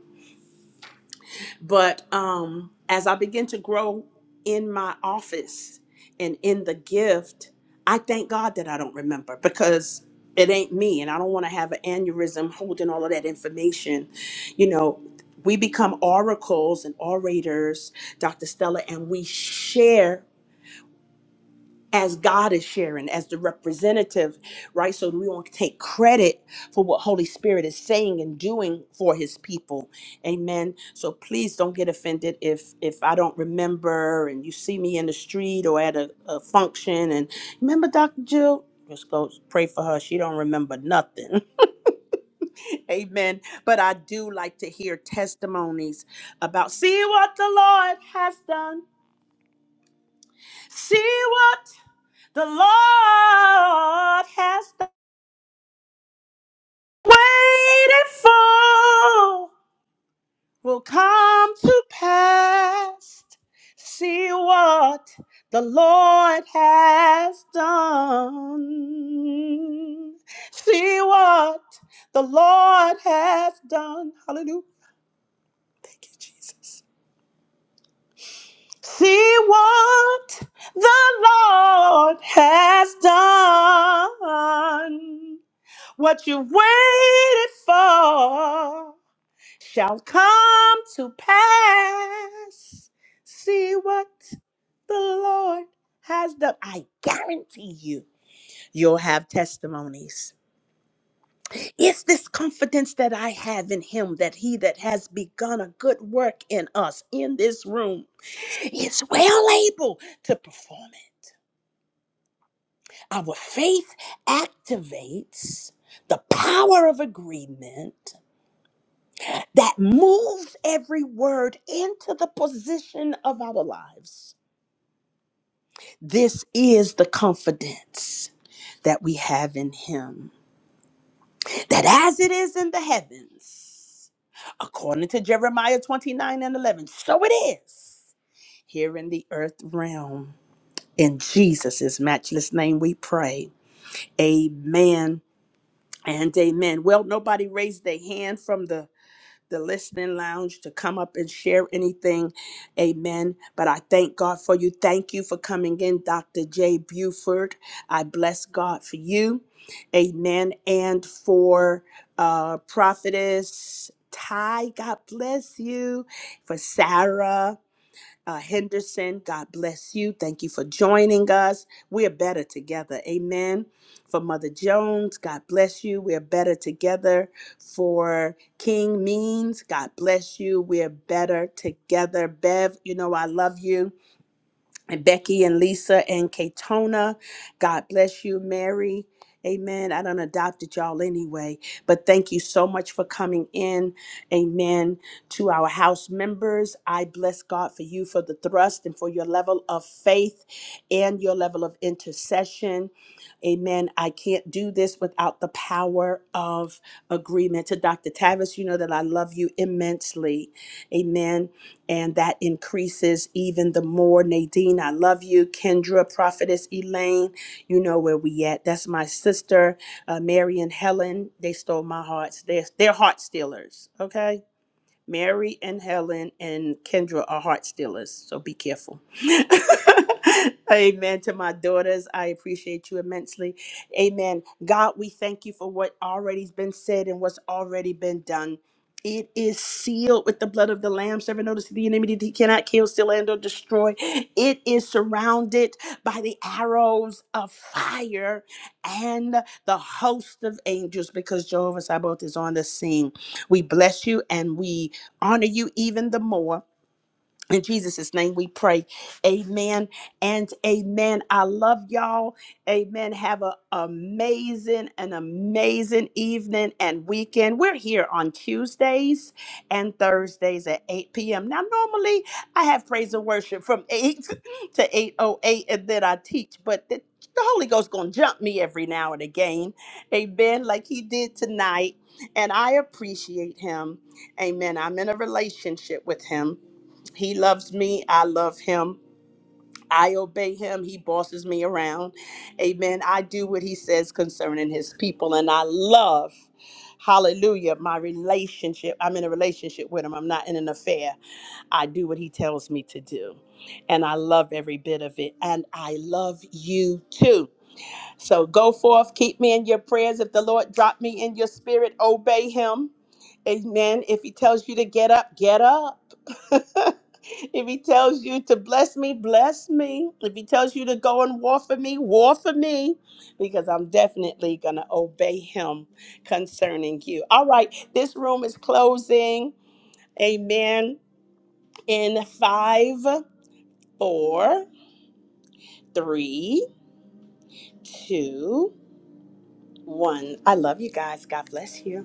A: But um, as I began to grow in my office and in the gift, I thank God that I don't remember because it ain't me and I don't want to have an aneurysm holding all of that information. You know, we become oracles and orators, Dr. Stella, and we share. as God is sharing, as the representative, right? So we won't take credit for what Holy Spirit is saying and doing for His people. Amen. So please don't get offended if if I don't remember and you see me in the street or at a, a function and remember Dr. Jill. Just go pray for her. She don't remember nothing. Amen. But I do like to hear testimonies about see what the Lord has done See what the Lord has done. waited for will come to pass. See what the Lord has done. See what the Lord has done. Hallelujah. Thank you, Jesus. See what the Lord has done. What you waited for shall come to pass. See what the Lord has done. I guarantee you, you'll have testimonies. It's this confidence that I have in Him that He that has begun a good work in us in this room is well able to perform it. Our faith activates the power of agreement that moves every word into the position of our lives. This is the confidence that we have in Him, that as it is in the heavens, according to Jeremiah 29 and 11, so it is here in the earth realm. In Jesus' matchless name we pray. Amen and amen. Well, nobody raised their hand from the the listening lounge to come up and share anything. Amen. But I thank God for you. Thank you for coming in, Dr. J. Buford. I bless God for you. Amen. And for uh, prophetess Ty, God bless you. For Sarah uh, Henderson, God bless you. Thank you for joining us. We are better together. Amen. For Mother Jones, God bless you. We are better together. For King Means, God bless you. We are better together. Bev, you know I love you and Becky and Lisa and Katona. God bless you, Mary. Amen. I done adopted y'all anyway, but thank you so much for coming in. Amen. To our house members, I bless God for you for the thrust and for your level of faith and your level of intercession. Amen. I can't do this without the power of agreement. To Dr. Tavis, you know that I love you immensely. Amen and that increases even the more. Nadine, I love you. Kendra, Prophetess Elaine, you know where we at. That's my sister, uh, Mary and Helen. They stole my hearts. They're, they're heart stealers, okay? Mary and Helen and Kendra are heart stealers, so be careful. Amen. To my daughters, I appreciate you immensely. Amen. God, we thank you for what already's been said and what's already been done. It is sealed with the blood of the Lamb. Seven notice the enemy that he cannot kill, steal, and or destroy. It is surrounded by the arrows of fire and the host of angels because Jehovah Sabbath is on the scene. We bless you and we honor you even the more in Jesus' name we pray. Amen and amen. I love y'all. Amen. Have an amazing, an amazing evening and weekend. We're here on Tuesdays and Thursdays at 8 p.m. Now, normally I have praise and worship from 8 to 8.08 and then I teach, but the, the Holy Ghost going to jump me every now and again. Amen. Like he did tonight. And I appreciate him. Amen. I'm in a relationship with him. He loves me. I love him. I obey him. He bosses me around. Amen. I do what he says concerning his people. And I love, hallelujah, my relationship. I'm in a relationship with him. I'm not in an affair. I do what he tells me to do. And I love every bit of it. And I love you too. So go forth, keep me in your prayers. If the Lord drop me in your spirit, obey him. Amen. If he tells you to get up, get up. if he tells you to bless me, bless me. If he tells you to go and war for me, war for me. Because I'm definitely going to obey him concerning you. All right. This room is closing. Amen. In five, four, three, two, one. I love you guys. God bless you.